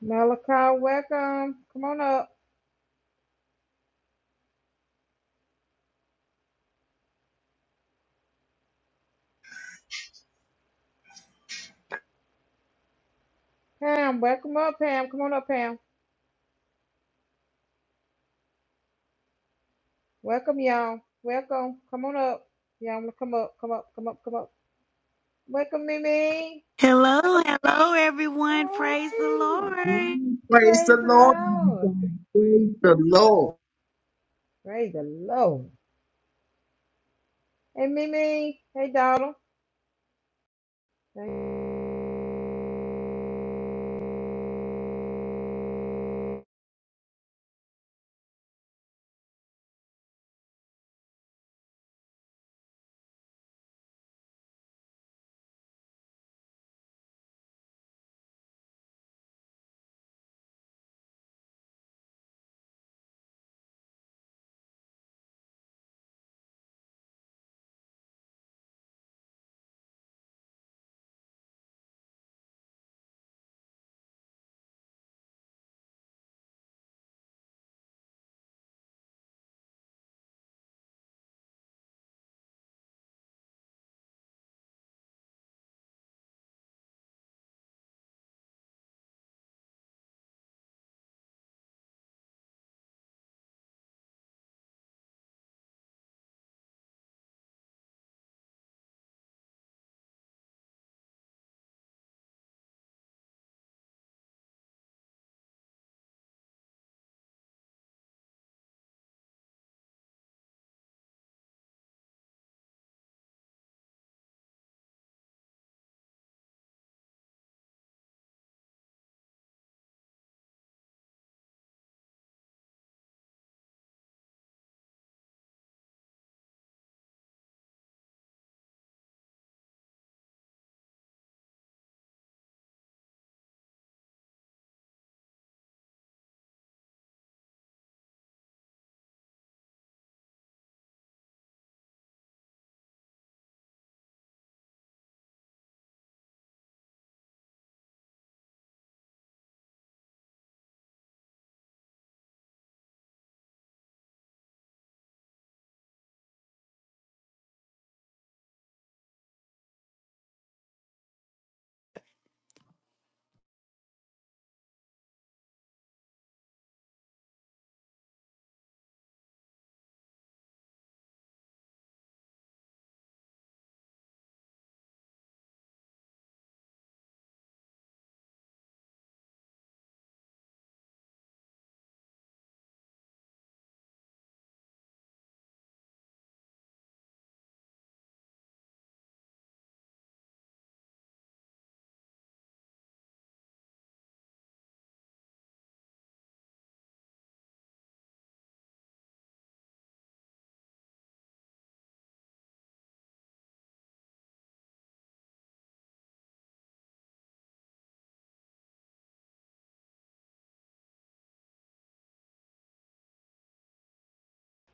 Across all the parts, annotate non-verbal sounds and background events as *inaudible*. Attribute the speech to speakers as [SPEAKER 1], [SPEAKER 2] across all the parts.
[SPEAKER 1] Malachi, welcome. Come on up. Pam, welcome up, Pam. Come on up, Pam. Welcome, y'all. Welcome. Come on up. Y'all, I'm gonna come up, come up, come up, come up. Welcome, Mimi.
[SPEAKER 2] Hello, hello, everyone. Praise the
[SPEAKER 1] Hey,
[SPEAKER 2] Lord.
[SPEAKER 3] Praise the
[SPEAKER 1] praise the
[SPEAKER 3] Lord.
[SPEAKER 1] Lord.
[SPEAKER 3] everybody. Praise the Lord.
[SPEAKER 1] Praise the Lord. Hey, Mimi. Hey, Donald. Hey.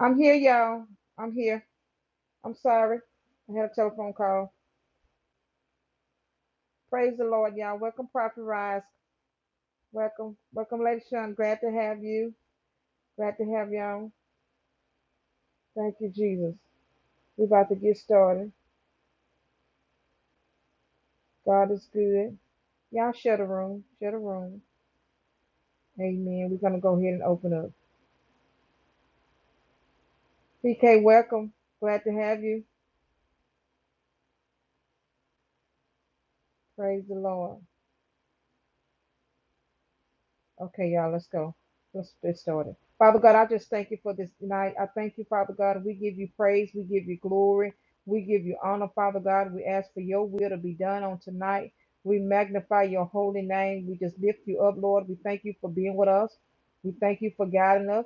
[SPEAKER 1] I'm here, y'all. I'm here. I'm sorry. I had a telephone call. Praise the Lord, y'all. Welcome, Prophet Rise. Welcome. Welcome, Lady Sean. Glad to have you. Glad to have y'all. Thank you, Jesus. We're about to get started. God is good. Y'all shut the room. Shut the room. Amen. We're gonna go ahead and open up. PK, welcome. Glad to have you. Praise the Lord. Okay, y'all, let's go. Let's get started. Father God, I just thank you for this night. I thank you, Father God. We give you praise. We give you glory. We give you honor, Father God. We ask for your will to be done on tonight. We magnify your holy name. We just lift you up, Lord. We thank you for being with us. We thank you for guiding us.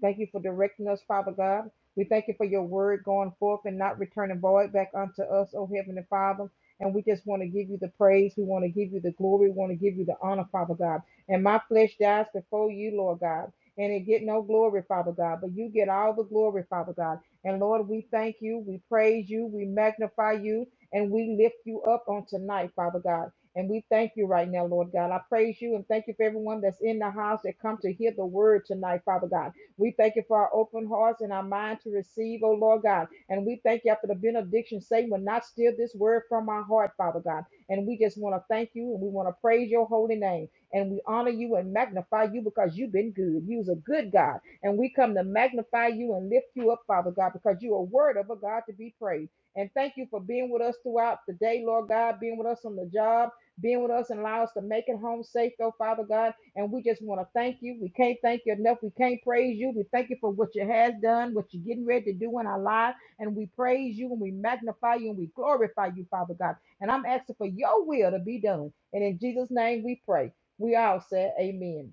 [SPEAKER 1] Thank you for directing us, Father God. We thank you for your word going forth and not returning void back unto us, O Heavenly Father. And we just want to give you the praise. We want to give you the glory. We want to give you the honor, Father God. And my flesh dies before you, Lord God. And it get no glory, Father God, but you get all the glory, Father God. And Lord, we thank you, we praise you, we magnify you, and we lift you up on tonight, Father God. And we thank you right now, Lord God. I praise you and thank you for everyone that's in the house that come to hear the word tonight, Father God. We thank you for our open hearts and our mind to receive, oh Lord God. And we thank you after the benediction. Satan will not steal this word from our heart, Father God. And we just want to thank you and we want to praise your holy name and we honor you and magnify you because you've been good. You's a good God. And we come to magnify you and lift you up, Father God, because you are word of a God to be praised. And thank you for being with us throughout the day, Lord God, being with us on the job, being with us and allow us to make it home safe, though, Father God. And we just want to thank you. We can't thank you enough. We can't praise you. We thank you for what you has done, what you're getting ready to do in our lives. And we praise you and we magnify you and we glorify you, Father God. And I'm asking for your will to be done. And in Jesus' name we pray. We all said amen.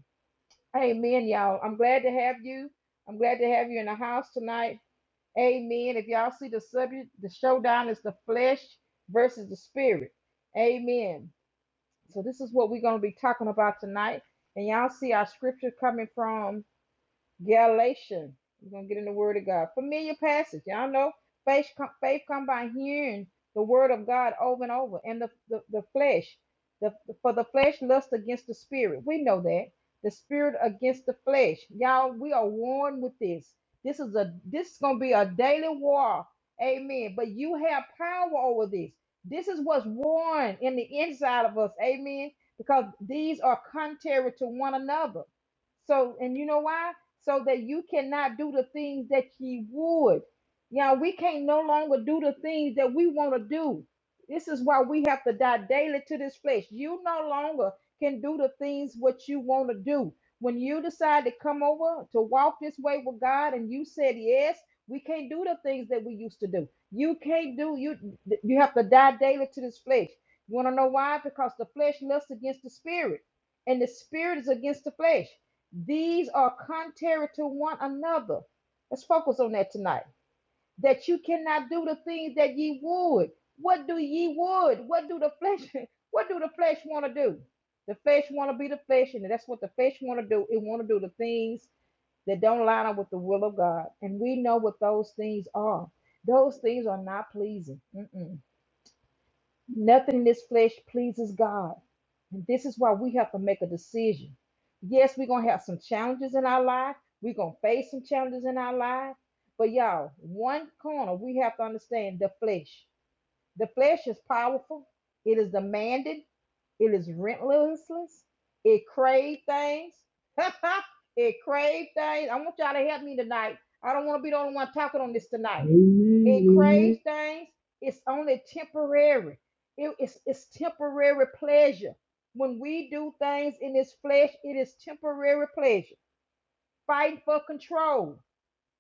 [SPEAKER 1] Amen, y'all. I'm glad to have you. I'm glad to have you in the house tonight. Amen. If y'all see the subject, the showdown is the flesh versus the spirit. Amen. So this is what we're going to be talking about tonight. And y'all see our scripture coming from Galatians. We're gonna get in the Word of God. Familiar passage. Y'all know faith come, faith come by hearing the Word of God over and over. And the the, the flesh, the for the flesh lusts against the spirit. We know that the spirit against the flesh. Y'all, we are warned with this. This is a this is gonna be a daily war. Amen. But you have power over this. This is what's worn in the inside of us. Amen. Because these are contrary to one another. So, and you know why? so that you cannot do the things that ye would. Yeah, we can't no longer do the things that we want to do. This is why we have to die daily to this flesh. You no longer can do the things what you want to do. When you decide to come over to walk this way with God and you said yes, we can't do the things that we used to do. You can't do you you have to die daily to this flesh. You want to know why? Because the flesh lusts against the spirit and the spirit is against the flesh. These are contrary to one another. Let's focus on that tonight. That you cannot do the things that ye would. What do ye would? What do the flesh? *laughs* What do the flesh want to do? The flesh want to be the flesh, and that's what the flesh want to do. It want to do the things that don't line up with the will of God, and we know what those things are. Those things are not pleasing. Mm-mm. Nothing in this flesh pleases God. And this is why we have to make a decision. Yes, we're going to have some challenges in our life. We're going to face some challenges in our life. But y'all, one corner, we have to understand the flesh. The flesh is powerful, it is demanding, it is relentless, it crave things. *laughs* it crave things. I want y'all to help me tonight. I don't want to be the only one talking on this tonight. It craves
[SPEAKER 3] Amen.
[SPEAKER 1] things. It's only temporary. It- it's, it's temporary pleasure. When we do things in this flesh, it is temporary pleasure. Fighting for control.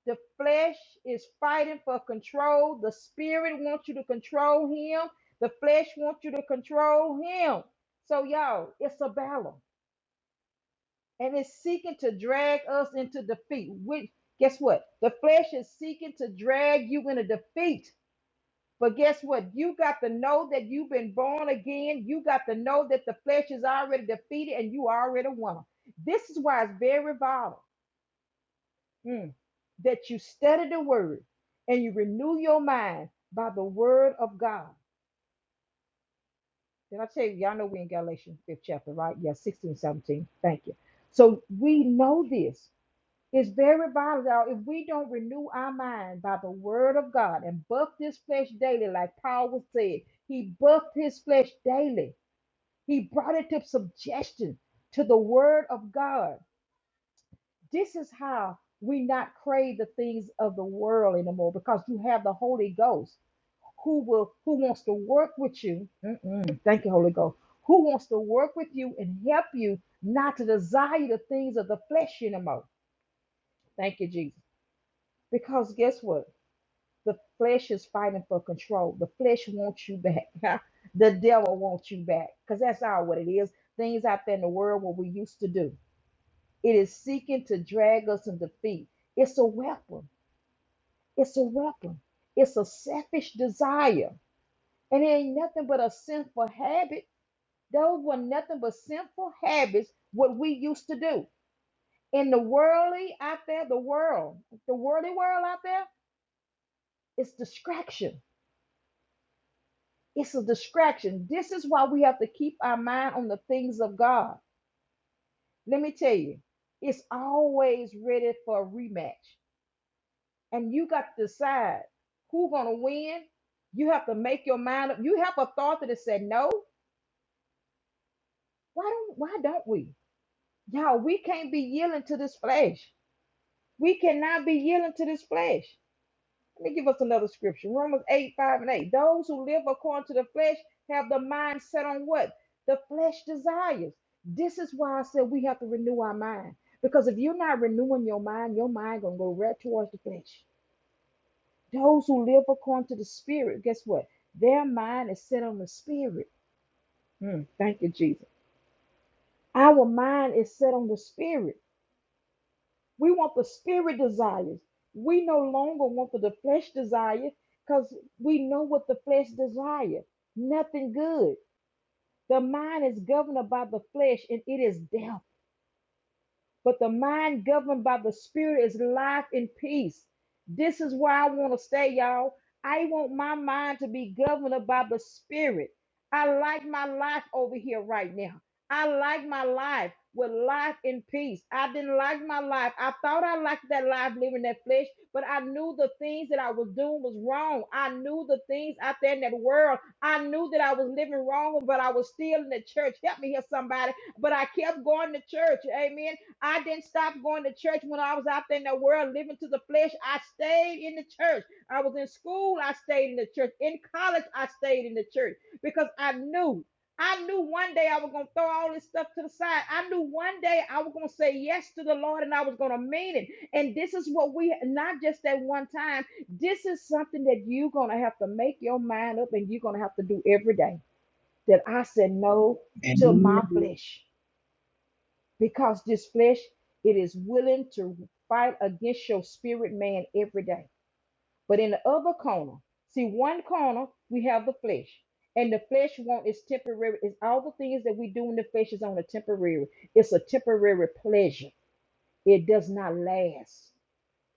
[SPEAKER 1] The flesh is fighting for control. The spirit wants you to control him. The flesh wants you to control him. So, y'all, it's a battle. And it's seeking to drag us into defeat. Which, guess what? The flesh is seeking to drag you into defeat But guess what? You got to know that you've been born again. You got to know that the flesh is already defeated and you are already won. This is why it's very vital mm, that you study the word and you renew your mind by the word of God. Did I tell you? Y'all know we're in Galatians 5th chapter, right? Yeah, 16, 17. Thank you. So we know this. It's very vital, y'all. If we don't renew our mind by the word of God and buff this flesh daily, like Paul was said, he buffed his flesh daily. He brought it to subjection to the word of God. This is how we not crave the things of the world anymore because you have the Holy Ghost who will who wants to work with you. Mm-mm. Thank you, Holy Ghost. Who wants to work with you and help you not to desire the things of the flesh anymore. Thank you, Jesus. Because guess what? The flesh is fighting for control. The flesh wants you back. *laughs* the devil wants you back because that's all what it is. Things out there in the world what we used to do. It is seeking to drag us in defeat. It's a weapon. It's a weapon. It's a selfish desire. And it ain't nothing but a sinful habit. Those were nothing but sinful habits, what we used to do. In the worldly out there, the world, the worldly world out there, it's distraction It's a distraction. This is why we have to keep our mind on the things of God. Let me tell you, it's always ready for a rematch. And you got to decide who's gonna win. You have to make your mind up. You have authority to say no. Why don't why don't we? Y'all, we can't be yielding to this flesh. We cannot be yielding to this flesh. Let me give us another scripture. Romans 8, 5 and 8. Those who live according to the flesh have the mind set on what? The flesh desires. This is why I said we have to renew our mind. Because if you're not renewing your mind, your mind gonna go right towards the flesh. Those who live according to the spirit, guess what? Their mind is set on the spirit. Mm, thank you, Jesus. Our mind is set on the spirit. We want the spirit desires. We no longer want the the flesh desires because we know what the flesh desires. Nothing good. The mind is governed by the flesh and it is death. But the mind governed by the spirit is life and peace. This is where I want to stay, y'all. I want my mind to be governed by the spirit. I like my life over here right now. I like my life with life and peace. I didn't like my life. I thought I liked that life living that flesh, but I knew the things that I was doing was wrong. I knew the things out there in that world. I knew that I was living wrong, but I was still in the church. Help me here, somebody but I kept going to church. Amen. I didn't stop going to church when I was out there in the world living to the flesh. I stayed in the church. I was in school, I stayed in the church. In college, I stayed in the church because I knew. I knew one day I was going to throw all this stuff to the side. I knew one day I was going to say yes to the Lord and I was going to mean it. And this is what we, not just at one time, this is something that you're going to have to make your mind up and you're going to have to do every day. That I said no
[SPEAKER 3] Amen.
[SPEAKER 1] to my
[SPEAKER 3] Amen.
[SPEAKER 1] flesh because this flesh it is willing to fight against your spirit man every day but in the other corner see one corner we have the flesh and the flesh want is temporary is all the things that we do in the flesh is on a temporary it's a temporary pleasure it does not last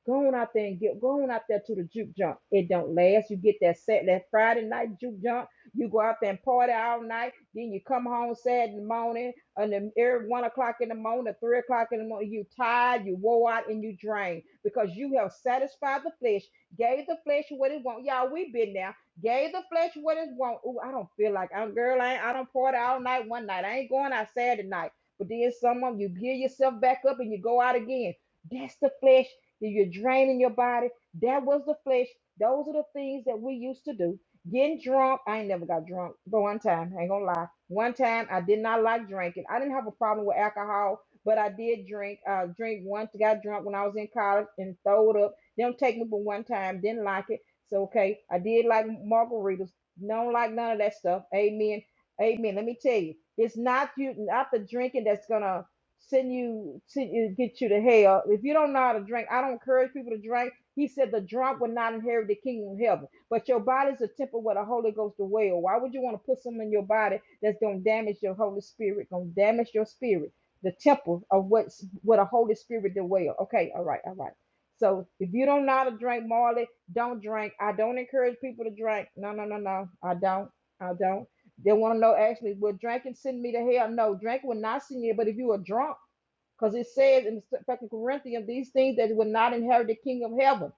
[SPEAKER 1] Go on out there and get go on out there to the juke junk. It don't last. You get that set that Friday night juke junk. You go out there and party all night. Then you come home sad in the morning, and then every one o'clock in the morning, three o'clock in the morning, you tired, you wore out, and you drained because you have satisfied the flesh, gave the flesh what it want. Y'all, we been there. Gave the flesh what it want. Ooh, I don't feel like I'm girl. I ain't, I don't party all night one night. I ain't going out Saturday night. But then some of you gear yourself back up and you go out again. That's the flesh that you're draining your body. That was the flesh. Those are the things that we used to do. Getting drunk. I ain't never got drunk, but one time, I ain't gonna lie. One time I did not like drinking. I didn't have a problem with alcohol, but I did drink. Uh drink once, got drunk when I was in college and throwed up. Them take me for one time, didn't like it. So okay, I did like margaritas. Don't like none of that stuff. Amen. Amen. Let me tell you, it's not you, not the drinking that's gonna send you, send you, get you to hell. If you don't know how to drink, I don't encourage people to drink. He said the drunk would not inherit the kingdom of heaven. But your body's a temple where the Holy Ghost dwells. Why would you want to put something in your body that's gonna damage your Holy Spirit, gonna damage your spirit? The temple of what's what a Holy Spirit dwell. Okay, all right, all right. So if you don't know how to drink, Marley, don't drink. I don't encourage people to drink. No, no, no, no. I don't. I don't. They want to know actually, will drinking send me to hell? No, drink will not send you. But if you are drunk, because it says in Second Corinthians, these things that will not inherit the kingdom of heaven.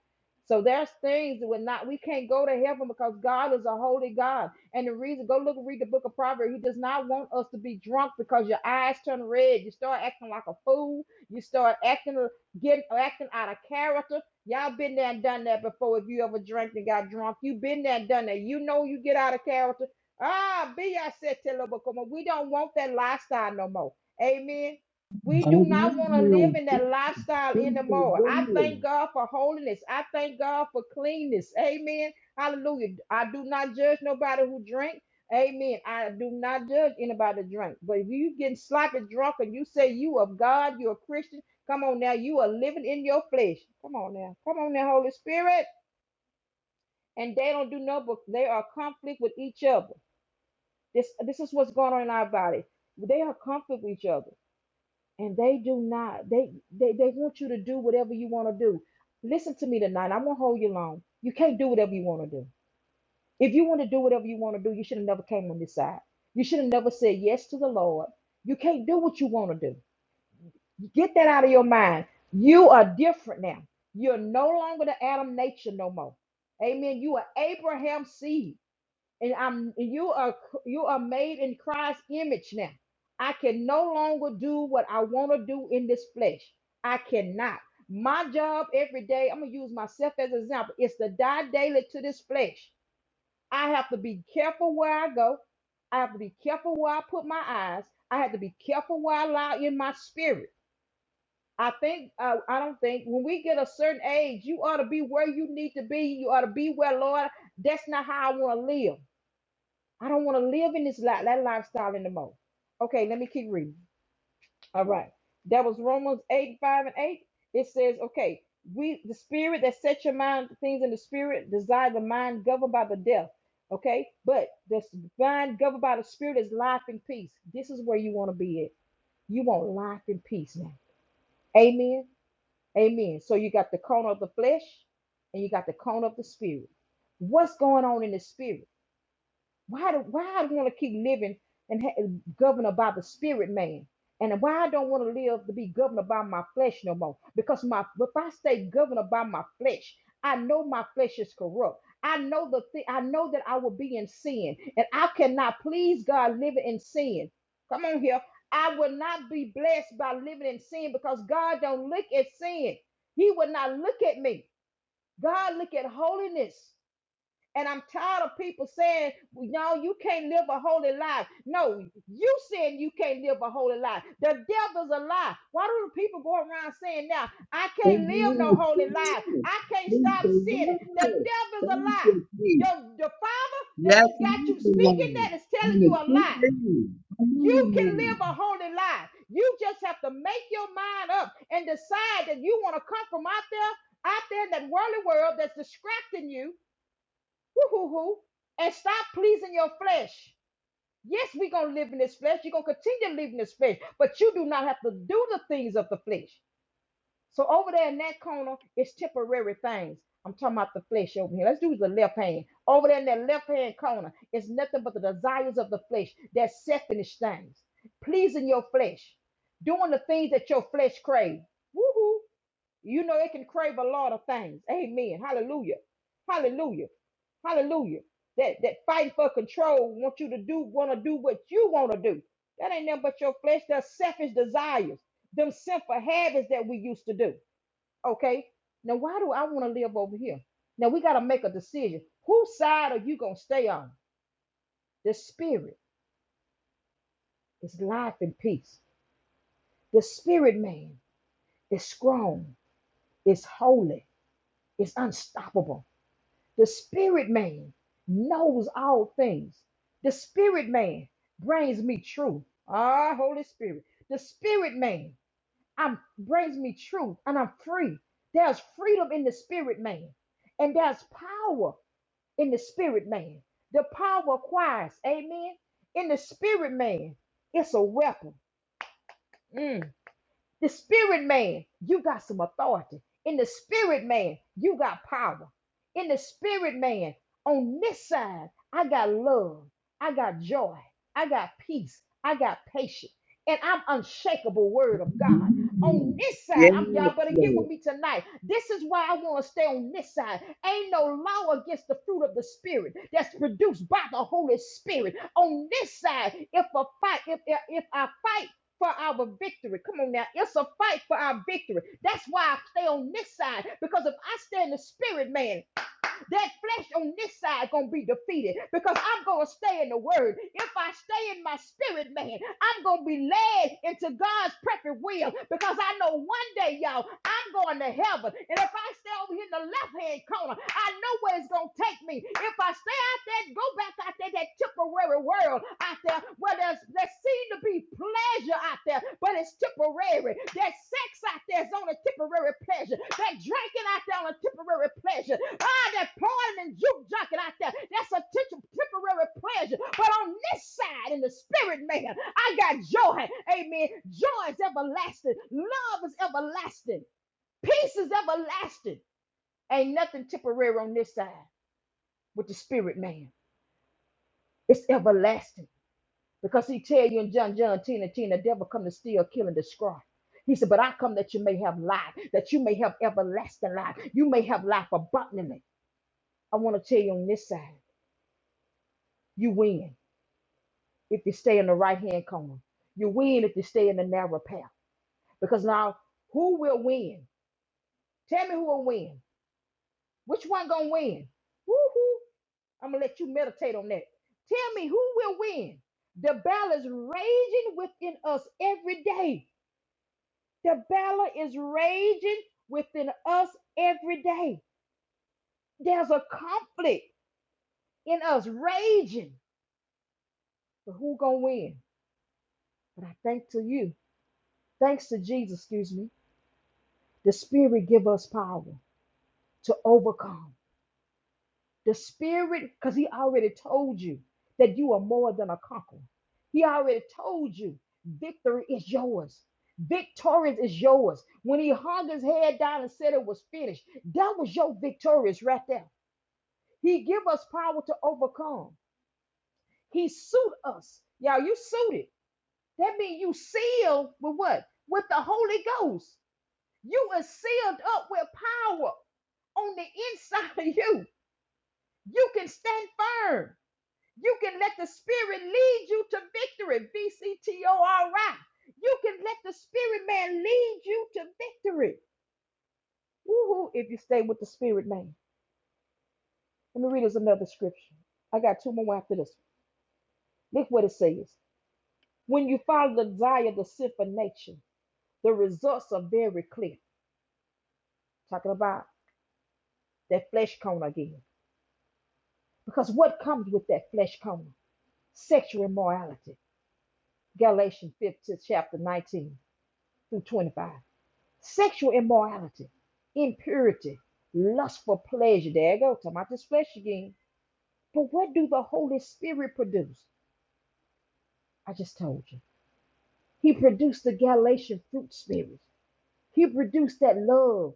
[SPEAKER 1] So there's things that will not, we can't go to heaven because God is a holy God. And the reason, go look and read the book of Proverbs. He does not want us to be drunk because your eyes turn red. You start acting like a fool. You start acting, getting, acting out of character. Y'all been there and done that before. If you ever drank and got drunk, you been there and done that. You know you get out of character. Ah, be I said, tell her, but come on. we don't want that lifestyle no more. Amen. We do
[SPEAKER 3] All
[SPEAKER 1] not
[SPEAKER 3] right
[SPEAKER 1] want to
[SPEAKER 3] now.
[SPEAKER 1] live in that lifestyle
[SPEAKER 3] Praise the
[SPEAKER 1] anymore. I thank
[SPEAKER 3] Lord.
[SPEAKER 1] God for holiness. I thank God for cleanness. Amen. Hallelujah. I do not judge nobody who drink. Amen. I do not judge anybody that drink. But if you getting sloppy drunk and you say you of God, you're a Christian, come on now. You are living in your flesh. Come on now. Come on now, Holy Spirit. And they don't do no book. they are conflict with each other. This this is what's going on in our body. They are conflict with each other and they do not they they, they want you to do whatever you want to do listen to me tonight i'm gonna hold you long you can't do whatever you want to do if you want to do whatever you want to do you should have never came on this side you should have never said yes to the lord you can't do what you want to do get that out of your mind you are different now you're no longer the adam nature no more amen you are abraham's seed and I'm and you are you are made in Christ's image now. I can no longer do what I want to do in this flesh. I cannot. My job every day, I'm gonna use myself as an example, is to die daily to this flesh. I have to be careful where I go. I have to be careful where I put my eyes. I have to be careful where I allow in my spirit. I think uh, I don't think when we get a certain age, you ought to be where you need to be. You ought to be where Lord. That's not how I want to live. I don't want to live in this life, that lifestyle anymore. Okay, let me keep reading. All right. That was Romans 8, 5 and 8. It says, okay, we the spirit that set your mind things in the spirit, desire the mind governed by the death. Okay, but the mind governed by the spirit is life and peace. This is where you want to be at. You want life and peace now. Amen. Amen. So you got the corner of the flesh and you got the corner of the spirit. What's going on in the spirit? Why do why I want to keep living and ha- governed by the spirit man? And why I don't want to live to be governed by my flesh no more? Because my if I stay governed by my flesh, I know my flesh is corrupt. I know the thing. I know that I will be in sin, and I cannot please God living in sin. Come on here. I will not be blessed by living in sin because God don't look at sin. He will not look at me. God look at holiness. And I'm tired of people saying, well, no, you can't live a holy life. No, you saying you can't live a holy life. The devil's a lie. Why do the people go around saying now, I
[SPEAKER 3] The
[SPEAKER 1] can't live
[SPEAKER 3] Lord.
[SPEAKER 1] no
[SPEAKER 3] is
[SPEAKER 1] holy life.
[SPEAKER 3] good.
[SPEAKER 1] I can't
[SPEAKER 3] Praise
[SPEAKER 1] stop
[SPEAKER 3] the
[SPEAKER 1] sinning. The
[SPEAKER 3] Lord.
[SPEAKER 1] devil's
[SPEAKER 3] Thank
[SPEAKER 1] a lie.
[SPEAKER 3] you, Jesus.
[SPEAKER 1] Your the father that
[SPEAKER 3] Yes,
[SPEAKER 1] you
[SPEAKER 3] he
[SPEAKER 1] got
[SPEAKER 3] is
[SPEAKER 1] you
[SPEAKER 3] the
[SPEAKER 1] speaking
[SPEAKER 3] Lord.
[SPEAKER 1] that is telling
[SPEAKER 3] And
[SPEAKER 1] you
[SPEAKER 3] the
[SPEAKER 1] a
[SPEAKER 3] true
[SPEAKER 1] lie.
[SPEAKER 3] thing. Come on
[SPEAKER 1] You can live
[SPEAKER 3] now.
[SPEAKER 1] a holy life. You just have to make your mind up and decide that you want to come from out there, out there in that worldly world that's distracting you Woo-hoo-hoo. And stop pleasing your flesh. Yes, we're going to live in this flesh. You're going to continue to live in this flesh, but you do not have to do the things of the flesh. So over there in that corner, it's temporary things. I'm talking about the flesh over here. Let's do the left hand. Over there in that left hand corner, it's nothing but the desires of the flesh. That selfish things. Pleasing your flesh. Doing the things that your flesh craves. Woo-hoo. You know, it can crave a lot of things. Amen. Hallelujah. Hallelujah. Hallelujah. That that fight for control want you to do, want to do what you want to do. That ain't nothing but your flesh. Their selfish desires, them sinful habits that we used to do. Okay. Now, why do I want to live over here? Now we got to make a decision. Whose side are you gonna stay on? The spirit is life and peace. The spirit man is strong, is holy, is unstoppable. The spirit man knows all things. The spirit man brings me truth. Ah, Holy Spirit. The spirit man I'm, brings me truth and I'm free. There's freedom in the spirit man, and there's power in the spirit man. The power of Christ, amen. In the spirit man, it's a weapon. Mm. The spirit man, you got some authority. In the spirit man, you got power. In the spirit man, on this side, I got love. I got joy. I got peace. I got patience. And I'm unshakable word of God. On this side,
[SPEAKER 3] Yes,
[SPEAKER 1] I'm
[SPEAKER 3] Yes,
[SPEAKER 1] y'all better get with
[SPEAKER 3] Lord.
[SPEAKER 1] me tonight. This is why I want to stay on this side. Ain't no law against the fruit of the spirit that's produced by the Holy Spirit. On this side, if a fight, if if if I fight for our victory. Come on now. It's a fight for our victory. That's why I stay on this side. Because if I stay in the spirit, man, that flesh on this side gonna be defeated. Because I'm gonna stay in the word. If I stay in my spirit, man, I'm gonna be led into God's perfect will. Because I know one day, y'all, I'm going to heaven. And if I stay over here in the left-hand corner, I know where it's gonna take me. If I stay out there, go back out there, that temporary world out there, where there's, there seem to be pleasure out there, but it's temporary. That sex out there is on a temporary pleasure. That drinking out there on a temporary pleasure. Ah, that partying and juke junking out there, that's a temp- temporary pleasure. But on this side, in the spirit man, I got joy. Amen. Joy is everlasting. Love is everlasting. Peace is everlasting. Ain't nothing temporary on this side with the spirit man. It's everlasting. Because he tell you in John, John 10 and 10, the devil come to steal, kill, and destroy. He said, but I come that you may have life, that you may have everlasting life. You may have life abundantly. I want to tell you on this side, you win if you stay in the right-hand corner. You win if you stay in the narrow path. Because now, who will win? Tell me who will win. Which one gonna win? Woo-hoo. I'm gonna let you meditate on that. Tell me who will win. The battle is raging within us every day. The battle is raging within us every day. There's a conflict in us raging. But who gonna win? But I thank to you, thanks to Jesus, excuse me. The Spirit give us power to overcome. The Spirit, because He already told you that you are more than a conqueror. He already told you victory is yours. Victorious is yours. When he hung his head down and said it was finished, that was your victorious right there. He give us power to overcome. He suit us. Y'all, you suited. That means you sealed with what? With the Holy Ghost. You are sealed up with power on the inside of you. You can stand firm. You can let the spirit lead you to victory. V-C-T-O-R-I. You can let the spirit man lead you to victory. Woo-hoo, if you stay with the spirit man. Let me read us another scripture. I got two more after this. Look what it says. When you follow the desire of the sinful nature, the results are very clear. Talking about that flesh cone again. Because what comes with that flesh cone? Sexual immorality. Galatians 15, chapter 19 through 25. Sexual immorality, impurity, lust for pleasure. There you go. Talking about this flesh again. But what do the Holy Spirit produce? I just told you. He produced the Galatian fruit spirit. He produced that love.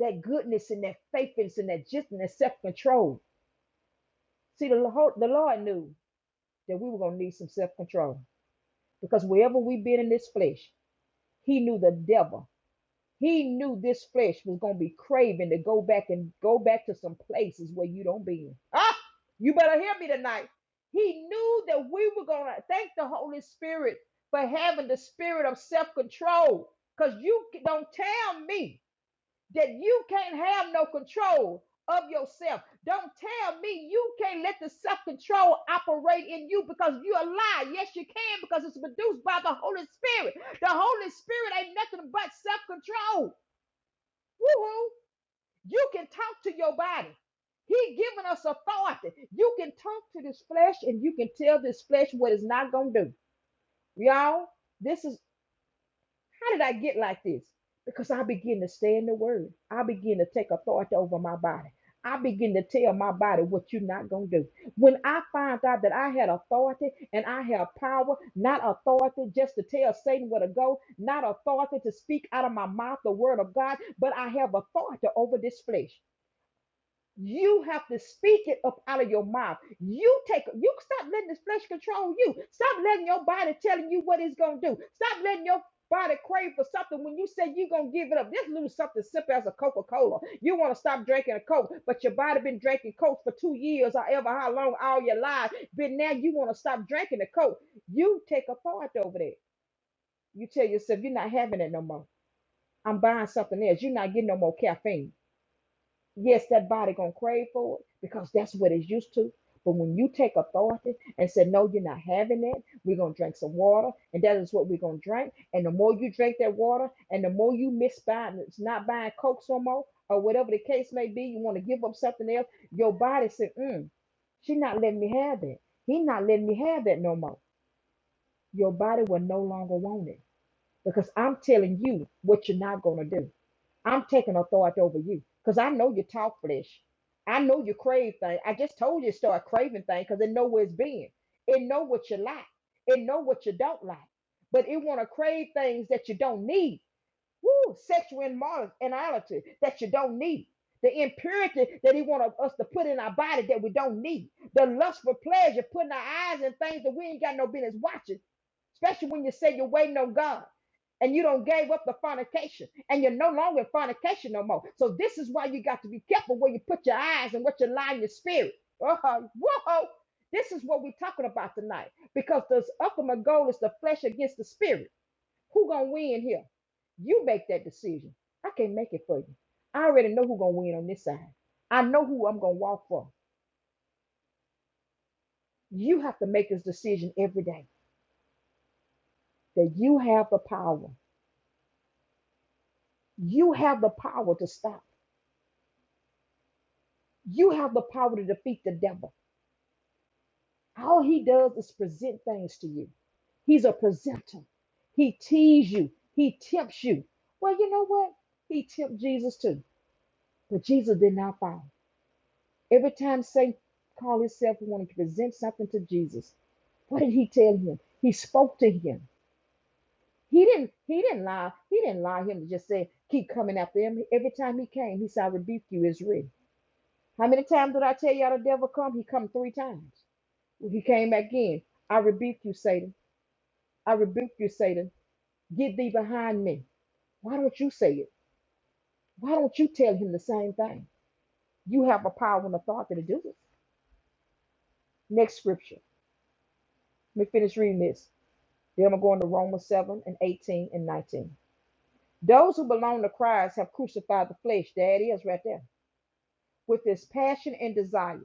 [SPEAKER 1] that goodness and that faithfulness and that just and that self-control. See, the Lord, the Lord knew that we were gonna need some self-control because wherever we've been in this flesh, He knew the devil. He knew this flesh was gonna be craving to go back and go back to some places where you don't been. Ah, you better hear me tonight. He knew that we were gonna thank the Holy Spirit for having the spirit of self-control. Cause you don't tell me that you can't have no control of yourself. Don't tell me you can't let the self control operate in you because you're a lie. Yes, you can because it's produced by the Holy Spirit. The Holy Spirit ain't nothing but self control. Woo-hoo. You can talk to your body. He given us authority. You can talk to this flesh and you can tell this flesh what it's not going to do. Y'all, this is how did I get like this? Because I begin to stay in the word. I begin to take authority over my body. I begin to tell my body what you're not going to do. When I find out that I had authority and I have power, not authority just to tell Satan where to go, not authority to speak out of my mouth the word of God, but I have authority over this flesh. You have to speak it up out of your mouth. You take you stop letting this flesh control you. Stop letting your body telling you what it's gonna do. Stop letting your body crave for something when you say you're gonna give it up. Just little something simple as a Coca-Cola. You want to stop drinking a Coke, but your body been drinking Coke for two years or ever how long all your life. But now you want to stop drinking the Coke. You take a part over that. You tell yourself you're not having it no more. I'm buying something else. You're not getting no more caffeine. Yes, that body gonna crave for it because that's what it's used to. But when you take authority and say, No, you're not having it, we're gonna drink some water, and that is what we're gonna drink. And the more you drink that water, and the more you miss buying it's not buying Coke some more, or whatever the case may be, you want to give up something else, your body said, mm, she not letting me have that. He not letting me have that no more. Your body will no longer want it. Because I'm telling you what you're not gonna do. I'm taking authority over you because I know you talk flesh. I know you crave things. I just told you to start craving things because it know where it's been. It know what you like. It know what you don't like. But it want to crave things that you don't need. Woo, sexual immorality that you don't need. The impurity that he want us to put in our body that we don't need. The lust for pleasure, putting our eyes in things that we ain't got no business watching especially when you say you're waiting on God and you don't gave up the fornication and you're no longer in fornication no more. So this is why you got to be careful where you put your eyes and what you lie in your spirit. Uh-huh. Whoa. This is what we're talking about tonight because the ultimate goal is the flesh against the spirit. Who gonna win here? You make that decision. I can't make it for you. I already know who gonna win on this side. I know who I'm gonna walk for. You have to make this decision every day that you have the power. You have the power to stop. You have the power to defeat the devil. All he does is present things to you. He's a presenter. He teases you. He tempts you. Well, you know what? He tempted Jesus too, but Jesus did not fall. Every time Satan called himself wanting to present something to Jesus, what did he tell him? He spoke to him. He didn't. He didn't lie. He didn't lie him to just say keep coming after him. Every time he came, he said, "I rebuke you, Israel." How many times did I tell y'all the devil come? He come three times. He came back in. I rebuke you, Satan. I rebuke you, Satan. Get thee behind me. Why don't you say it? Why don't you tell him the same thing? You have a power and authority to do it. Next scripture. Let me finish reading this. Then I'm going to Romans 7 and 18 and 19. Those who belong to Christ have crucified the flesh. There it is right there. with this passion and desire.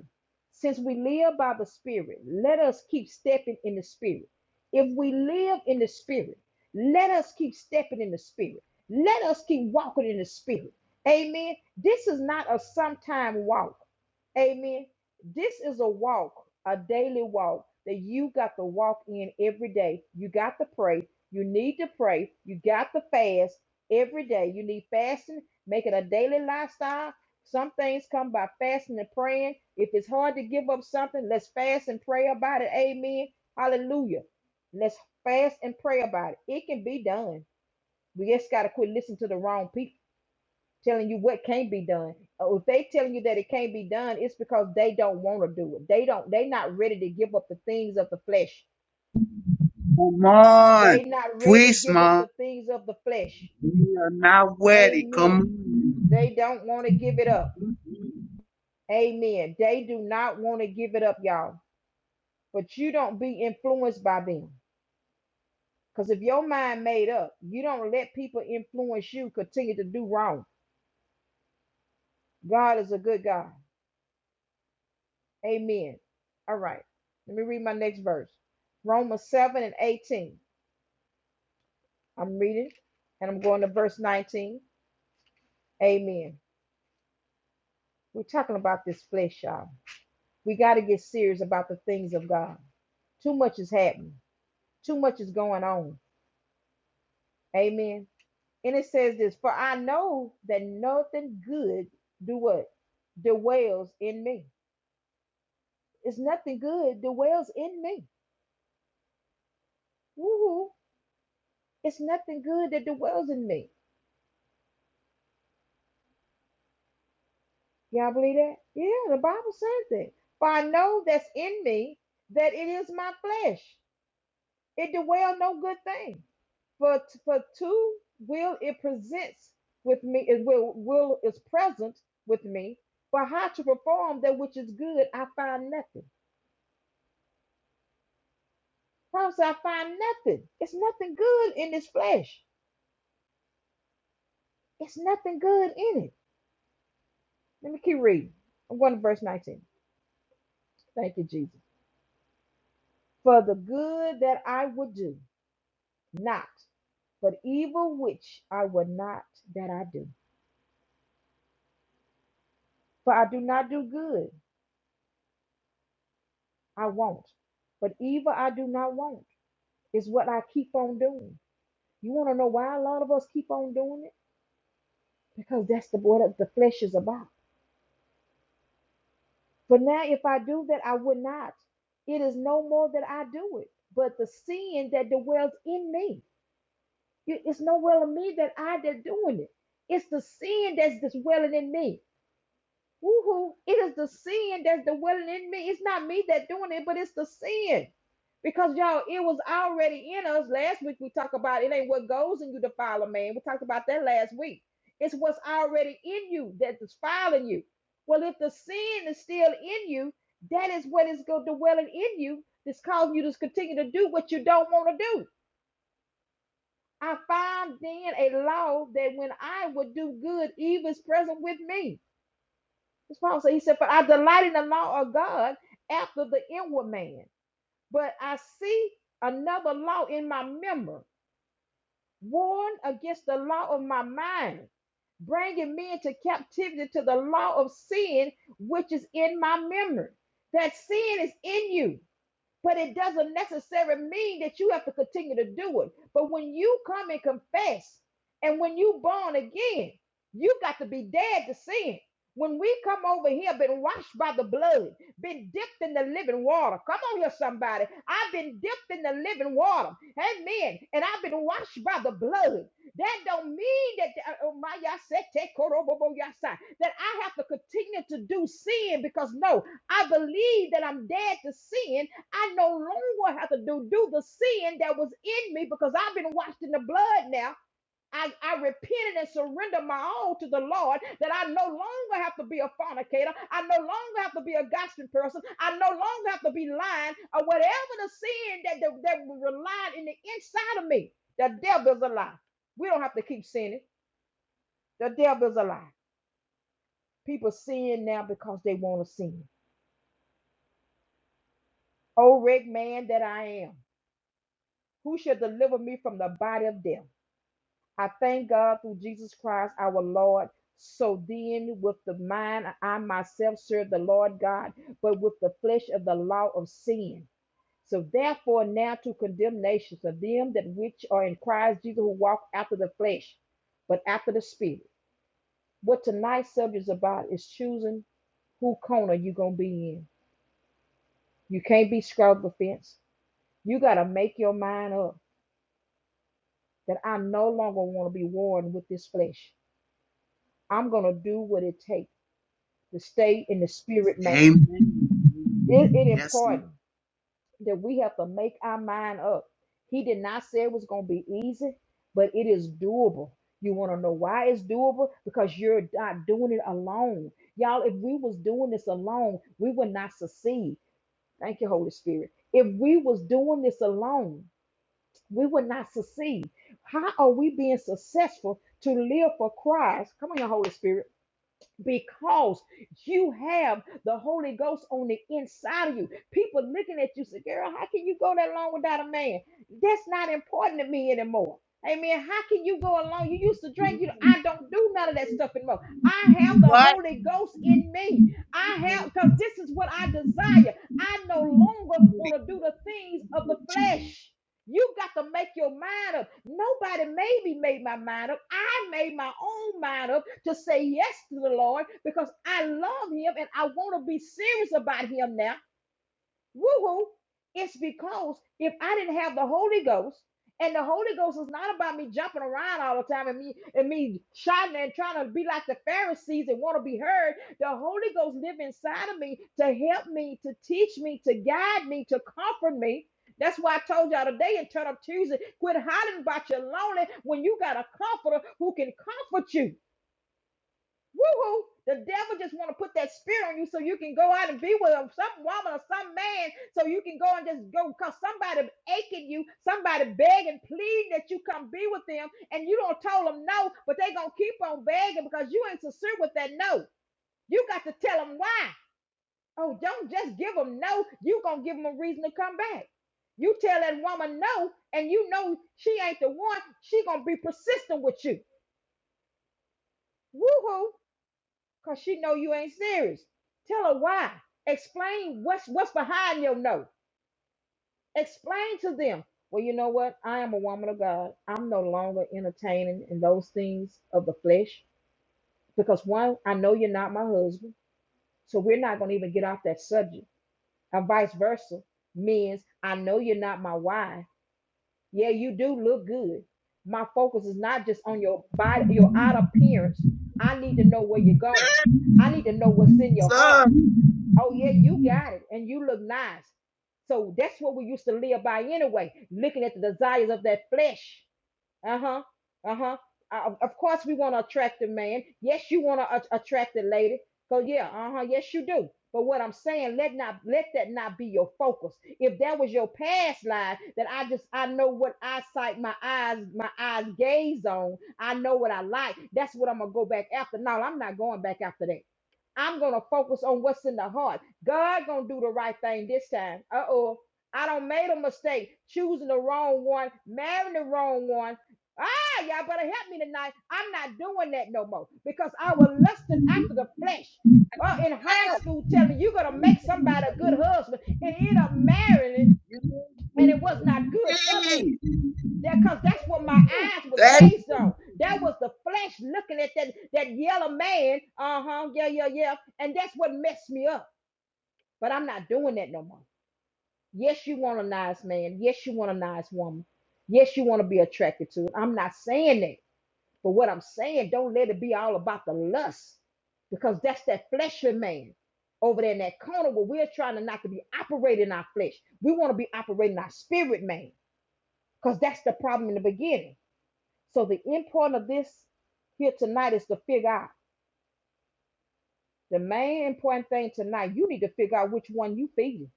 [SPEAKER 1] Since we live by the Spirit, let us keep stepping in the Spirit. If we live in the Spirit, let us keep stepping in the Spirit. Let us keep walking in the Spirit. Amen. This is not a sometime walk. Amen. This is a walk, a daily walk that you got to walk in every day. You got to pray. You need to pray. You got to fast every day. You need fasting. Make it a daily lifestyle. Some things come by fasting and praying. If it's hard to give up something, let's fast and pray about it. Amen. Hallelujah. Let's fast and pray about it. It can be done. We just got to quit listening to the wrong people telling you what can't be done. Uh, If they telling you that it can't be done, it's because they don't want to do it. They don't. They not ready to give up the things of the flesh.
[SPEAKER 3] Come
[SPEAKER 1] They
[SPEAKER 3] on.
[SPEAKER 1] not ready to
[SPEAKER 3] Please,
[SPEAKER 1] give up the
[SPEAKER 3] Mom.
[SPEAKER 1] things of the flesh.
[SPEAKER 3] We are not ready.
[SPEAKER 1] Amen.
[SPEAKER 3] Come
[SPEAKER 1] They don't want to give it up.
[SPEAKER 3] on.
[SPEAKER 1] Amen. They do not want to give it up, y'all. But you don't be influenced by them. Because if your mind made up, you don't let people influence you continue to do wrong. God is a good God. Amen. All right. Let me read my next verse. Romans 7 and 18. I'm reading and I'm going to verse 19. Amen. We're talking about this flesh, y'all. We got to get serious about the things of God. Too much is happening, too much is going on. Amen. And it says this For I know that nothing good do what? Dwells in me. It's nothing good dwells in me. Woo-hoo. It's nothing good that dwells in me. Y'all believe that? Yeah, the Bible says it. For I know that's in me that it is my flesh. It dwell no good thing. For for two will it presents with me, it will will is present with me. For how to perform that which is good, I find nothing. Promise I find nothing. It's nothing good in this flesh. It's nothing good in it. Let me keep reading. I'm going to verse 19. Thank you, Jesus. For the good that I would do, not. But evil which I will not that I do. For I do not do good, I won't. But evil I do not want is what I keep on doing. You want to know why a lot of us keep on doing it? Because that's the what the flesh is about. For now, if I do that, I would not. It is no more that I do it, but the sin that dwells in me. It- It's no well in me that I that doing it. It's the sin that's dwelling in me. Woohoo. It is the sin that's dwelling in me. It's not me that doing it, but it's the sin. Because y'all, it was already in us. Last week we talked about it ain't what goes in you defile a man. We talked about that last week. It's what's already in you that is filing you. Well, if the sin is still in you, that is what is going dwelling in you that's causing you to continue to do what you don't want to do. I find then a law that when I would do good, evil is present with me. That's Paul said. He said, But I delight in the law of God after the inward man. But I see another law in my member, warned against the law of my mind, bringing me into captivity to the law of sin which is in my memory. That sin is in you. But it doesn't necessarily mean that you have to continue to do it. But when you come and confess, and when you born again, you got to be dead to sin. When we come over here, been washed by the blood, been dipped in the living water. Come on here, somebody. I've been dipped in the living water. Amen. And I've been washed by the blood. That don't mean that uh, oh, my y'all said, take korobobo y'all side, that I have to continue to do sin because no, I believe that I'm dead to sin I no longer have to do, do the sin that was in me because I've been washed in the blood now. I, I repented and surrendered my all to the Lord that I no longer have to be a fornicator. I no longer have to be a gossiping person. I no longer have to be lying or whatever the sin that, that, that relied in the inside of me. The devil's a lie. We don't have to keep sinning. The devil's a lie. People sin now because they want to sin. O wretched man that I am, who shall deliver me from the body of death? I thank God through Jesus Christ our Lord. So then, with the mind, I myself serve the Lord God, but with the flesh of the law of sin. So therefore, now to condemnation for them that which are in Christ Jesus who walk after the flesh, but after the spirit. What tonight's subject is about is choosing who corner you gonna be in. You can't be scrubbed the fence. You gotta make your mind up that I no longer want to be worn with this flesh. I'm gonna do what it takes. to stay in the spirit man. It, it
[SPEAKER 3] Amen. Yes,
[SPEAKER 1] important that we have to make our mind up. He did not say it was going to be easy, but it is doable. You want to know why it's doable? Because you're not doing it alone. Y'all, if we was doing this alone, we would not succeed. Thank you, Holy Spirit. If we was doing this alone, we would not succeed. How are we being successful to live for Christ? Come on, your Holy Spirit because you have the Holy Ghost on the inside of you. People looking at you say, Girl, how can you go that long without a man? That's not important to me anymore. Amen. How can you go along? You used to
[SPEAKER 3] Lord.
[SPEAKER 1] drink. You, know, I don't do none of that stuff anymore. I have the
[SPEAKER 3] What?
[SPEAKER 1] Holy Ghost in me. I have because this is what I desire. I no longer
[SPEAKER 3] The
[SPEAKER 1] want
[SPEAKER 3] gift
[SPEAKER 1] to do the things of the
[SPEAKER 3] of Jesus.
[SPEAKER 1] flesh. You got to make your mind up. Nobody maybe made my mind up. I made my own mind up to say yes to the Lord because I love him and I want to be serious about him now. Woo-hoo. It's because if I didn't have the Holy Ghost, and the Holy Ghost is not about me jumping around all the time and me and me shouting and trying to be like the Pharisees and want to be heard. The Holy Ghost live inside of me to help me, to teach me, to guide me, to comfort me. That's why I told y'all today and turn up Tuesday. Quit hollering about your lonely when you got a comforter who can comfort you. Woo-hoo. The devil just want to put that spirit on you so you can go out and be with some woman or some man so you can go and just go because somebody aching you, somebody begging, pleading that you come be with them and you don't tell them no, but they going to keep on begging because you ain't sincere with that no. You got to tell them why. Oh, don't just give them no. you going to give them a reason to come back. You tell that woman no and you know she ain't the one, she going to be persistent with you. Woo-hoo. because she know you ain't serious. Tell her why. Explain what's what's behind your no. Explain to them. Well, you know what? I am a woman of God. I'm no longer entertaining in those things of the flesh because one, I know you're not my husband, so we're not gonna even get off that subject. And vice versa means I know you're not my wife. Yeah, you do look good. My focus is not just on your body, your outer appearance. I need to know where you're going. I need to know what's in your heart.
[SPEAKER 3] Yes,
[SPEAKER 1] Oh yeah, you got it, and you look nice. So that's what we used to live by anyway, looking at the desires of that flesh. Uh-huh. Uh-huh. Uh, of course we want to attract a man. Yes, you want to a- attract a lady. So yeah, uh-huh, yes you do. But what I'm saying, let not let that not be your focus. If that was your past life, then I just I know what eyesight my eyes my eyes gaze on. I know what I like. That's what I'm gonna go back after. No, I'm not going back after that. I'm gonna focus on what's in the heart. God gonna do the right thing this time. Uh oh, I don't made a mistake choosing the wrong one, marrying the wrong one. Ah, y'all better help me tonight. I'm not doing that no more because I was lusting after the flesh. Uh, in high school, telling me you're gonna make somebody a good husband and end up marrying it,
[SPEAKER 3] you
[SPEAKER 1] and it was not good for me.
[SPEAKER 3] need.
[SPEAKER 1] That cause that's what my
[SPEAKER 3] Woo.
[SPEAKER 1] eyes was
[SPEAKER 3] That's
[SPEAKER 1] gazed on. That was the flesh looking at that that yellow man. Uh huh. Yeah, yeah, yeah. And that's what messed me up. But I'm not doing that no more. Yes, you want a nice man. Yes, you want a nice woman. Yes, you want to be attracted to it. I'm not saying that. But what I'm saying, don't let it be all about the lust, because that's that fleshly man over there in that corner where we're trying to not to be operating our flesh. We want to be operating our spirit man, because that's the problem in the beginning. So the important of this here tonight is to figure out the main important thing tonight. You need to figure out which one you feeding.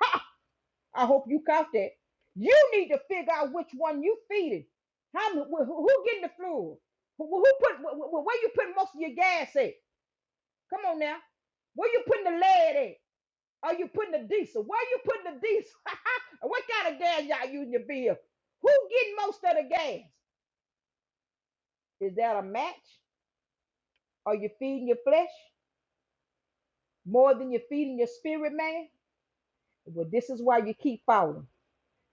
[SPEAKER 1] Ha! I hope you caught that. You need to figure out which one you feeding. How who, who getting the fluid? Who, who put wh- where you putting most of your gas at? Come on now. Where you putting the lead at? Are you putting the diesel? Where you putting the diesel? *laughs* what kind of gas y'all using to bill? Who getting most of the gas? Is that a match? Are you feeding your flesh? more than you're feeding your spirit man, well, this is why you keep falling.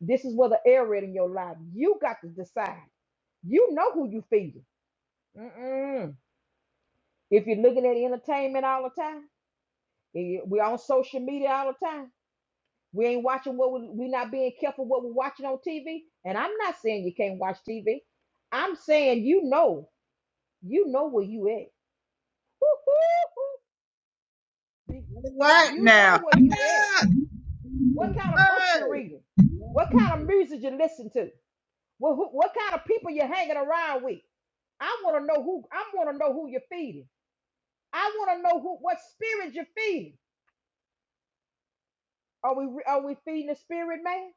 [SPEAKER 1] This is where the error is in your life. You got to decide. You know who you feeding. Mm-mm. If you're looking at entertainment all the time, eh, we're on social media all the time. We ain't watching what we, we not being careful what we're watching on TV. And I'm not saying you can't watch TV. I'm saying you know, you know where you at. Woo-hoo-hoo. Be-
[SPEAKER 3] right
[SPEAKER 1] You know
[SPEAKER 3] now.
[SPEAKER 1] where you at.
[SPEAKER 3] Ah,
[SPEAKER 1] what kind of books you're
[SPEAKER 3] hey,
[SPEAKER 1] reading, what kind of music you listen to, what, who, what kind of people you're hanging around with. I want to know who I want to know who you're feeding. I want to know who what spirit you're feeding. Are we re- are we feeding the spirit man?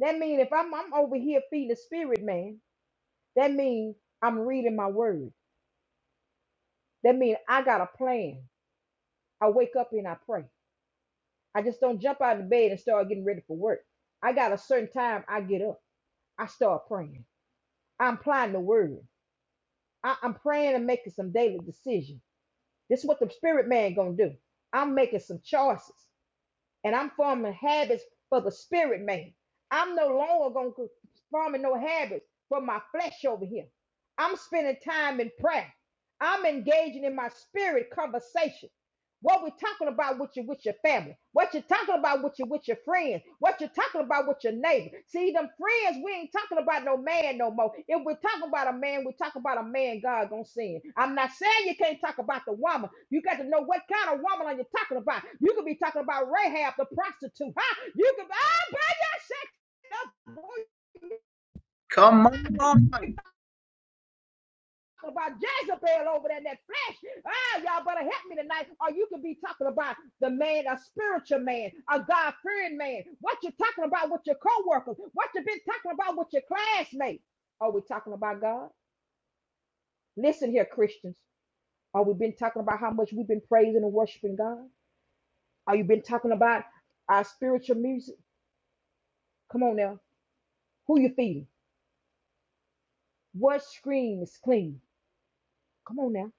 [SPEAKER 1] That means if I'm I'm over here feeding the spirit man, that means I'm reading my word. That means I got a plan. I wake up and I pray. I just don't jump out of bed and start getting ready for work. I got a certain time I get up. I start praying. I'm applying the word. I, I'm praying and making some daily decisions. This is what the spirit man gonna do. I'm making some choices and I'm forming habits for the spirit man. I'm no longer going to forming no habits for my flesh over here. I'm spending time in prayer. I'm engaging in my spirit conversation. What we're talking about with you with your family, what you're talking about with you with your friends, what you're talking about with your neighbor. See, them friends, we ain't talking about no man no more. If we're talking about a man, we're talking about a man God gonna send. I'm not saying you can't talk about the woman. You got to know what kind of woman are you talking about. You could be talking about Rahab the prostitute. Huh? You could ah, by your sex
[SPEAKER 3] Come on.
[SPEAKER 1] about Jezebel over there in that flesh. Ah, y'all better help me tonight. Or you could be talking about the man, a spiritual man, a God fearing man. What you talking about with your coworkers? What you been talking about with your classmates? Are we talking about God? Listen here, Christians. Are we been talking about how much we've been praising and worshiping God? Are you been talking about our spiritual music? Come on now. Who you feeding? What screen is clean? Come on now.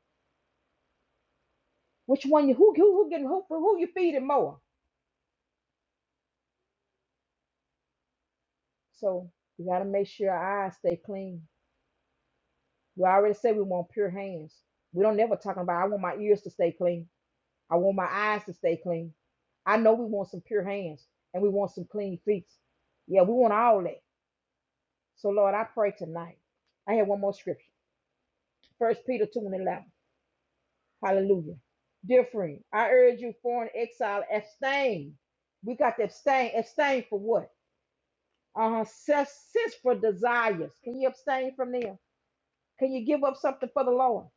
[SPEAKER 1] Which one you who who who getting who who you feeding more? So we gotta make sure our eyes stay clean. We already said we want pure hands. We don't never talking about I want my ears to stay clean. I want my eyes to stay clean. I know we want some pure hands and we want some clean feet. Yeah, we want all that. So Lord, I pray tonight. I have one more scripture. First Peter 2 and 11. Hallelujah. Dear friend, I urge you, foreign exile, abstain. We got to abstain. Abstain for what? Uh, cess, cess for desires. Can you abstain from them? Can you give up something for the Lord?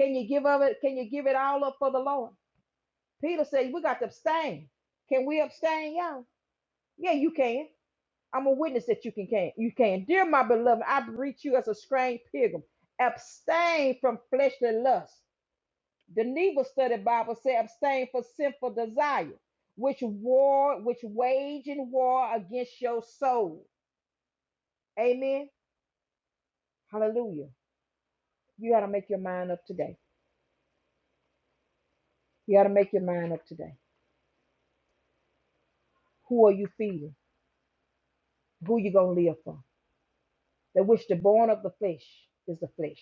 [SPEAKER 1] Can you give up it? Can you give it all up for the Lord? Peter said, we got to abstain. Can we abstain, y'all? Yeah, you can. I'm a witness that you can, can you can. Dear my beloved, I greet you as a strange pilgrim. Abstain from fleshly lust The Negro Study Bible says, abstain from sinful desire, which war, which wage in war against your soul. Amen. Hallelujah. You gotta make your mind up today. You gotta make your mind up today. Who are you feeding? Who you gonna live for? That which the born of the flesh is the flesh.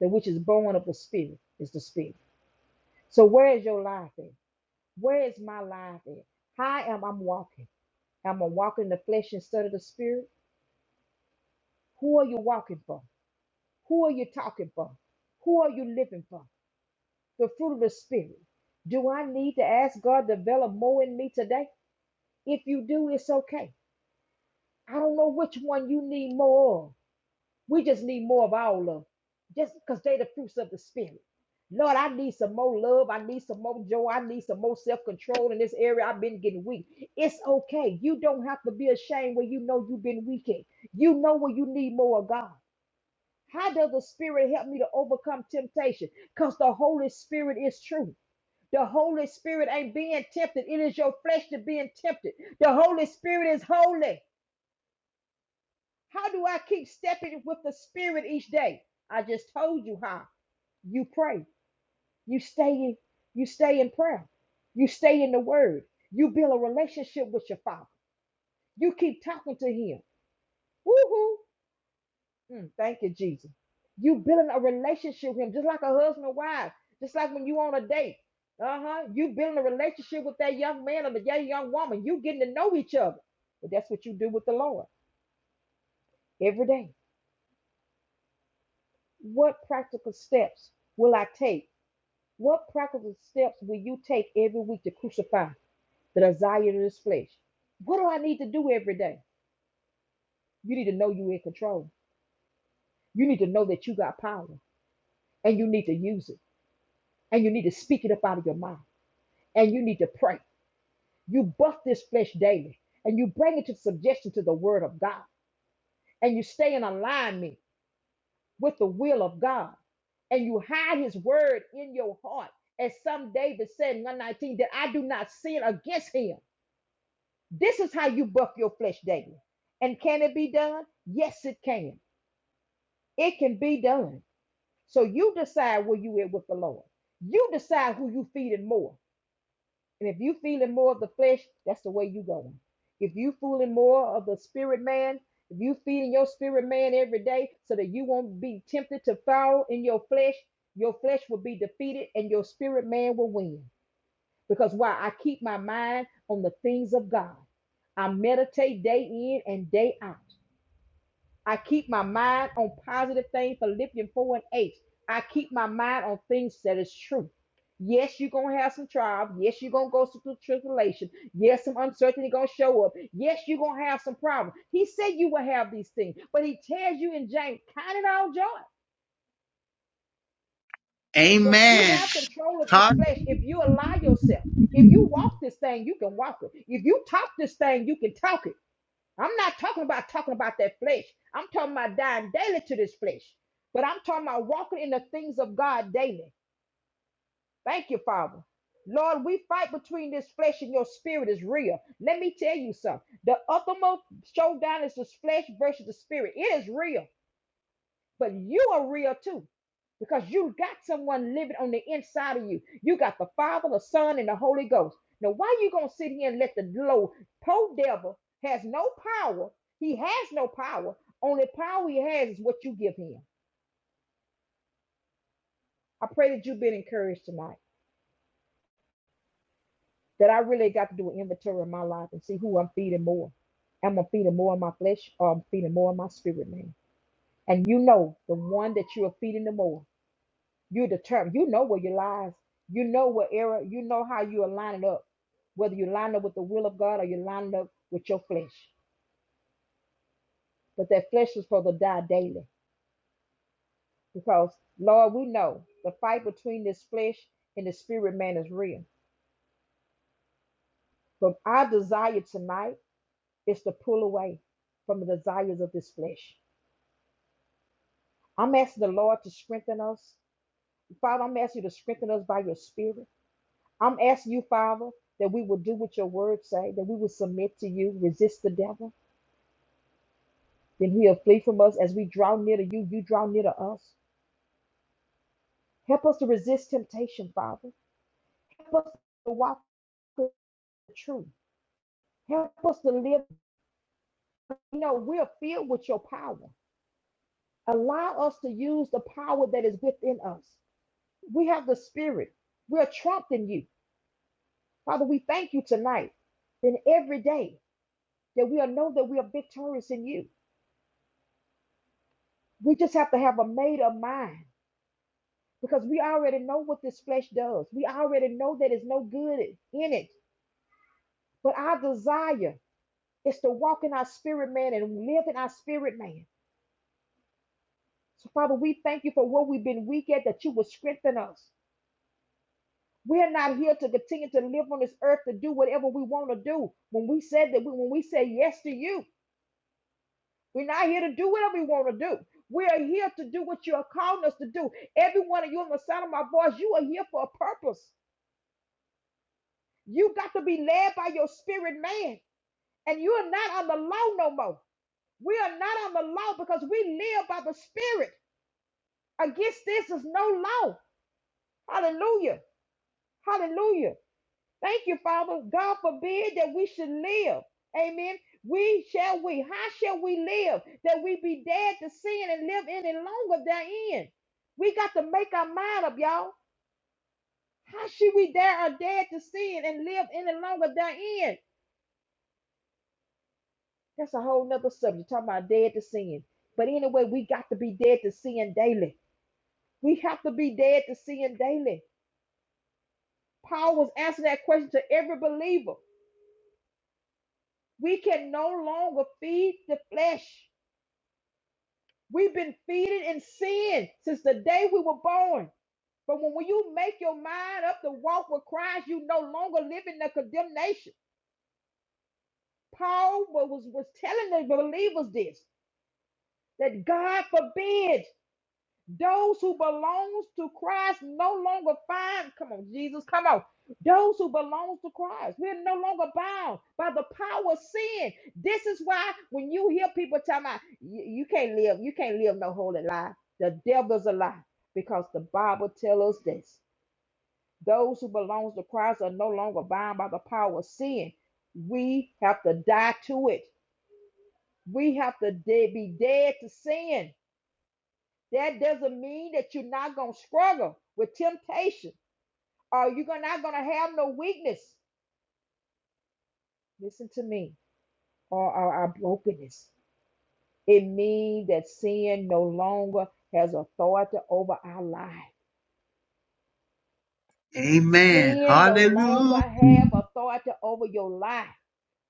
[SPEAKER 1] That which is born of the spirit is the spirit. So where is your life at? Where is my life at? How am I walking? Am I walking in the flesh instead of the spirit? Who are you walking for? Who are you talking for? Who are you living for? The fruit of the Spirit. Do I need to ask God to develop more in me today? If you do, it's okay. I don't know which one you need more of. We just need more of all of them. Just because they the fruits of the Spirit. Lord, I need some more love. I need some more joy. I need some more self control in this area. I've been getting weak. It's okay. You don't have to be ashamed when you know you've been weak at. You know where you need more of God. How does the Spirit help me to overcome temptation? Because the Holy Spirit is true. The Holy Spirit ain't being tempted. It is your flesh that being tempted. The Holy Spirit is holy. How do I keep stepping with the Spirit each day? I just told you how. You pray. You stay in, you stay in prayer. You stay in the word. You build a relationship with your father. You keep talking to him. Woo-hoo. Mm, thank you, Jesus. You building a relationship with him, just like a husband and wife, just like when you on a date. Uh-huh. You building a relationship with that young man or the young young woman. You getting to know each other. But that's what you do with the Lord every day. What practical steps will I take? What practical steps will you take every week to crucify the desire of this flesh? What do I need to do every day? You need to know you're in control. You need to know that you got power and you need to use it. And you need to speak it up out of your mouth. and you need to pray. You buff this flesh daily and you bring it to subjection to the word of God and you stay in alignment with the will of God and you hide his word in your heart. As some David said in 119, that I do not sin against him. This is how you buff your flesh daily. And can it be done? Yes, it can. It can be done. So you decide where you are with the Lord. You decide who you feed and more. And if you feeling more of the flesh, that's the way you going. If you feeling more of the spirit man, if you feeding your spirit man every day so that you won't be tempted to fall in your flesh, your flesh will be defeated and your spirit man will win. Because why? I keep my mind on the things of God. I meditate day in and day out. I keep my mind on positive things. Philippians 4 and 8. I keep my mind on things that is true. Yes, you're gonna have some trials. Yes, you're gonna go through tribulation. Yes, some uncertainty gonna show up. Yes, you're gonna have some problems. He said you will have these things, but he tells you in James, count it all joy. But you
[SPEAKER 3] Amen.
[SPEAKER 1] have control of this
[SPEAKER 3] Ha-
[SPEAKER 1] flesh if you allow yourself. If you walk this thing, you can walk it. If you talk this thing, you can talk it. I'm not talking about talking about that flesh. I'm talking about dying daily to this flesh. But I'm talking about walking in the things of God daily. Thank you, Father. Lord, we fight between this flesh and your spirit is real. Let me tell you something. The uppermost showdown is the flesh versus the spirit. It is real. But you are real too because you got someone living on the inside of you. You got the Father, the Son, and the Holy Ghost. Now, why are you gonna sit here and let the low poor devil has no power? He has no power. Only power he has is what you give him. I pray that you've been encouraged tonight. That I really got to do an inventory of my life and see who I'm feeding more. Am I feeding more in my flesh or I'm feeding more in my spirit, man? And you know the one that you are feeding the more. You're determined. You know where your lies. You know what error. You know how you are lining up. Whether you line up with the will of God or you line up with your flesh. But that flesh is supposed to die daily. Because Lord, we know the fight between this flesh and the spirit man is real. But our desire tonight is to pull away from the desires of this flesh. I'm asking the Lord to strengthen us. Father, I'm asking you to strengthen us by your spirit. I'm asking you, Father, that we will do what your word say, that we will submit to you, resist the devil, then he'll flee from us as we draw near to you, you draw near to us. Help us to resist temptation, Father. Help us to walk in the truth. Help us to live. You know, we're filled with your power. Allow us to use the power that is within us. We have the spirit. We're trapped in you. Father, we thank you tonight and every day that we'll know that we are victorious in you We just have to have a made up mind because we already know what this flesh does. We already know that it's no good in it. But our desire is to walk in our spirit man and live in our spirit man. So, Father, we thank you for what we've been weak at, that you will strengthen us. We're not here to continue to live on this earth to do whatever we want to do. When we said that, we, when we say yes to you, we're not here to do whatever we want to do. We are here to do what you are calling us to do. Every one of you in the sound of my voice, you are here for a purpose. You got to be led by your spirit man. And you are not on the law no more. We are not on the law because we live by the spirit. Against this is no law. Hallelujah. Hallelujah. Thank you, Father. God forbid that we should live. Amen. We shall we. How shall we live? That we be dead to sin and live any longer therein. We got to make our mind up, y'all. How should we dare are dead to sin and live any longer therein? That's a whole nother subject, talking about dead to sin. But anyway, we got to be dead to sin daily. We have to be dead to sin daily. Paul was answering that question to every believer. We can no longer feed the flesh. We've been feeding in sin since the day we were born. But when when you make your mind up to walk with Christ, you no longer live in the condemnation. Paul was, was was telling the believers this that God forbid Those who belongs to Christ no longer find, come on, Jesus, come on. Those who belongs to Christ, we're no longer bound by the power of sin. This is why when you hear people tell me, you, you can't live, you can't live no holy life. The devil's a lie because the Bible tells us this. Those who belongs to Christ are no longer bound by the power of sin. We have to die to it. We have to de- be dead to sin that doesn't mean that you're not going to struggle with temptation or you're not going to have no weakness. Listen to me, or our brokenness. It means that sin no longer has authority over our life.
[SPEAKER 3] Amen.
[SPEAKER 1] Sin no
[SPEAKER 3] Hallelujah.
[SPEAKER 1] longer have authority over your life.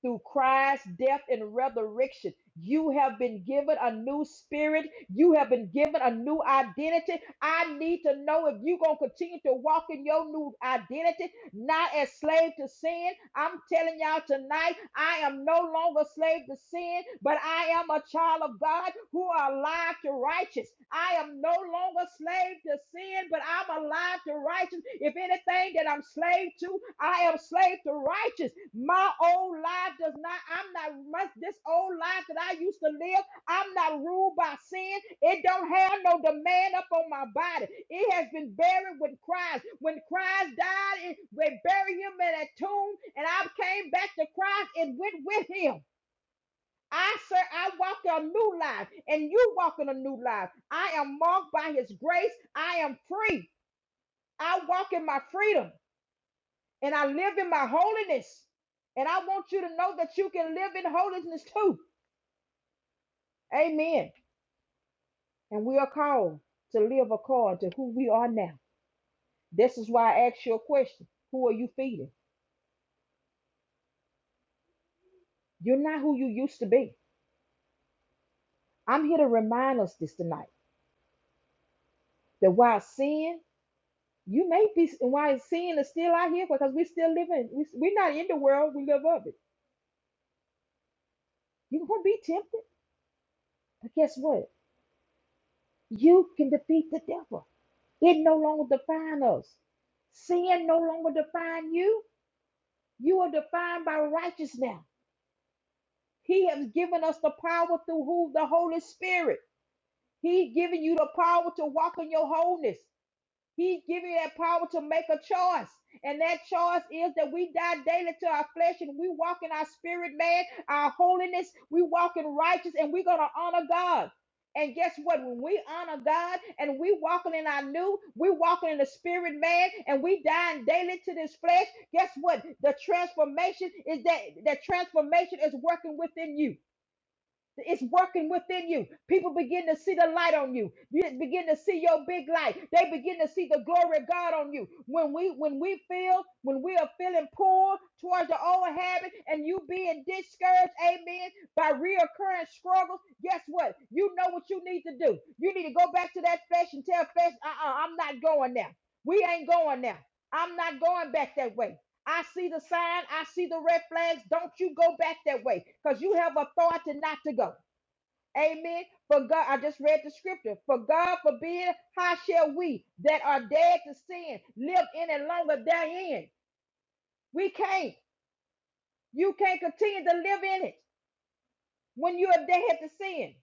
[SPEAKER 1] Through Christ's death and resurrection, you have been given a new spirit. You have been given a new identity. I need to know if you're going to continue to walk in your new identity not as slave to sin. I'm telling y'all tonight, I am no longer slave to sin, but I am a child of God who are alive to righteous. I am no longer slave to sin, but I'm alive to righteous. If anything that I'm slave to, I am slave to righteous. My old life does not, I'm not, my, this old life that I used to live. I'm not ruled by sin. It don't have no demand up on my body. It has been buried with Christ. When Christ died, it, they buried him in a tomb, and I came back to Christ and went with him. I sir, I walk a new life, and you walk in a new life. I am marked by his grace. I am free. I walk in my freedom and I live in my holiness. And I want you to know that you can live in holiness too. Amen. And we are called to live according to who we are now. This is why I asked you a question. Who are you feeding? You're not who you used to be. I'm here to remind us this tonight that while sin, you may be, while sin is still out here because we're still living, we- we're not in the world, we live of it. You're going to be tempted. But guess what? You can defeat the devil. It no longer defines us. Sin no longer defines you. You are defined by righteousness. He has given us the power through who the Holy Spirit. He's giving you the power to walk in your wholeness. He's giving you that power to make a choice. And that choice is that we die daily to our flesh and we walk in our spirit, man, our holiness. We walk in righteous and we're going to honor God. And guess what? When we honor God and we walking in our new, we walking in the spirit, man, and we dying daily to this flesh. Guess what? The transformation is that that transformation is working within you. It's working within you. People begin to see the light on you. You begin to see your big light. They begin to see the glory of God on you. When we when we feel when we are feeling pulled towards the old habit and you being discouraged, amen, by reoccurring struggles, guess what? You know what you need to do. You need to go back to that flesh and tell flesh, uh-uh, I'm not going there. We ain't going there. I'm not going back that way. I see the sign. I see the red flags. Don't you go back that way because you have authority not to go. Amen. For God, I just read the scripture. For God forbid, how shall we that are dead to sin live any longer therein? We can't. You can't continue to live in it when you are dead to sin.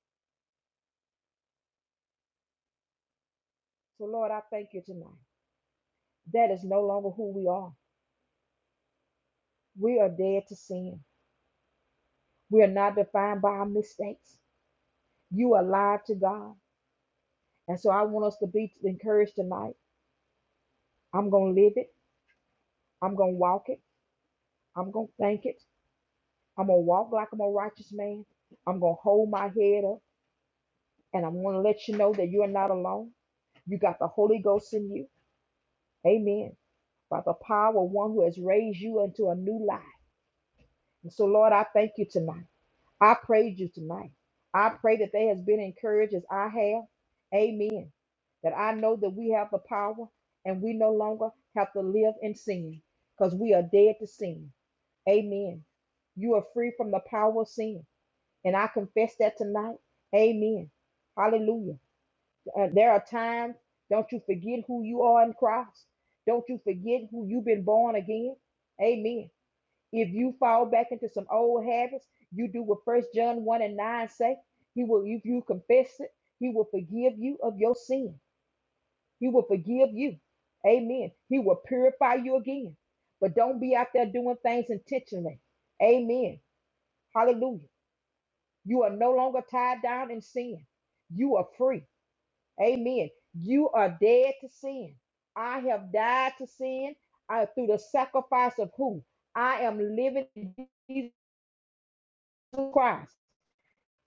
[SPEAKER 1] So, Lord, I thank you tonight. That is no longer who we are. We are dead to sin. We are not defined by our mistakes. You are alive to God. And so I want us to be encouraged tonight I'm going to live it. I'm going to walk it. I'm going to thank it. I'm going to walk like I'm a righteous man. I'm going to hold my head up. And I'm going to let you know that you are not alone. You got the Holy Ghost in you. Amen. By the power of one who has raised you into a new life. And so, Lord, I thank you tonight. I praise you tonight. I pray that they has been encouraged as I have. Amen. That I know that we have the power and we no longer have to live in sin because we are dead to sin. Amen. You are free from the power of sin. And I confess that tonight. Amen. Hallelujah. Uh, there are times, don't you forget who you are in Christ. Don't you forget who you've been born again. Amen. If you fall back into some old habits, you do what First John 1 and 9 say. He will, if you confess it, he will forgive you of your sin. He will forgive you. Amen. He will purify you again. But don't be out there doing things intentionally. Amen. Hallelujah. You are no longer tied down in sin. You are free. Amen. You are dead to sin. I have died to sin uh, through the sacrifice of who? I am living in Jesus Christ.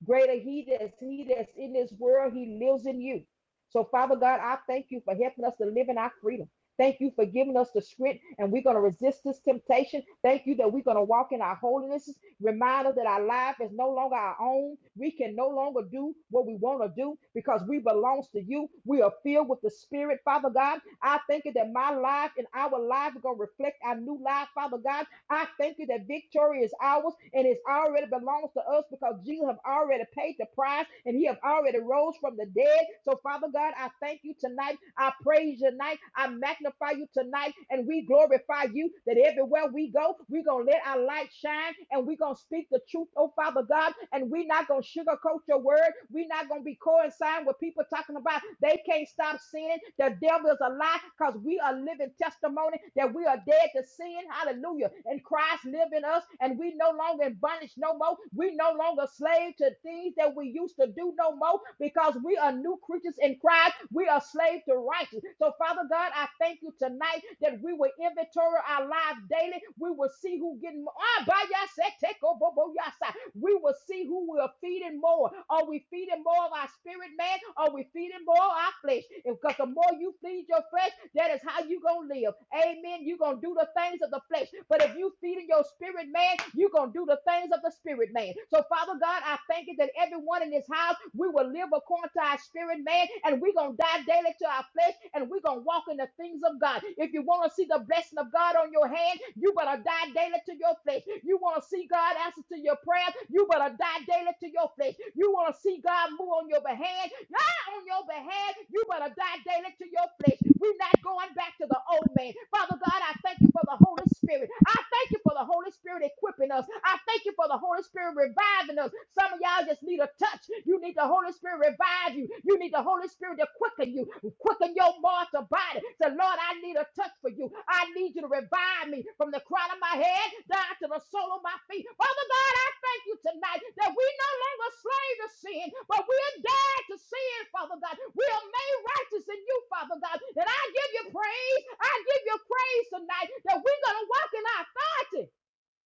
[SPEAKER 1] Greater he that's he that's in this world, he lives in you. So, Father God, I thank you for helping us to live in our freedom. Thank you for giving us the strength, and we're going to resist this temptation. Thank you that we're going to walk in our holiness. Remind us that our life is no longer our own. We can no longer do what we want to do because we belong to you. We are filled with the Spirit, Father God. I thank you that my life and our life are going to reflect our new life, Father God. I thank you that victory is ours and it already belongs to us because Jesus have already paid the price and he have already rose from the dead. So Father God, I thank you tonight. I praise you tonight. I magnify you tonight and we glorify you that everywhere we go, we're going to let our light shine and we're going to speak the truth, oh Father God, and we're not going to sugarcoat your word. We're not going to be coinciding with people talking about they can't stop stop sinning. The devil is a lie because we are living testimony that we are dead to sin. Hallelujah. And Christ lives in us and we no longer in bondage no more. We no longer slave to things that we used to do no more because we are new creatures in Christ. We are slaves to righteousness. So Father God, I thank you tonight that we will inventory our lives daily. We will see who getting more. Ah, by your side, take over, boy, your side we will see who we are feeding more. Are we feeding more of our spirit, man? Are we feeding more of our flesh? Because the more you feed your flesh, that is how you going to live. Amen. You're going to do the things of the flesh. But if you feeding your spirit, man, you're going to do the things of the spirit, man. So, Father God, I thank you that everyone everyone in this house, we will live according to our spirit, man, and we're going to die daily to our flesh, and we're going to walk in the things of God. If you want to see the blessing of God on your hand, you better die daily to your flesh. You want to see God answer to your prayer, you better die daily to your flesh. You want to see God move on your behalf, on your behalf. You better die daily to your flesh. We're not going back to the old man. Father God, I thank you for the Holy Spirit. I thank you for the Holy Spirit equipping us. I thank you for the Holy Spirit reviving us. Some of y'all just need a touch. You need the Holy Spirit to revive you. You need the Holy Spirit to quicken you, quicken your mortal body, to Lord, I need a touch for you. I need you to revive me from the crown of my head down to the sole of my feet. Father God, I thank you tonight that we no longer slave to sin, but we are dead to sin, Father God. We are made righteous in you, Father God. And I give you praise. I give you praise tonight that we're going to walk in our authority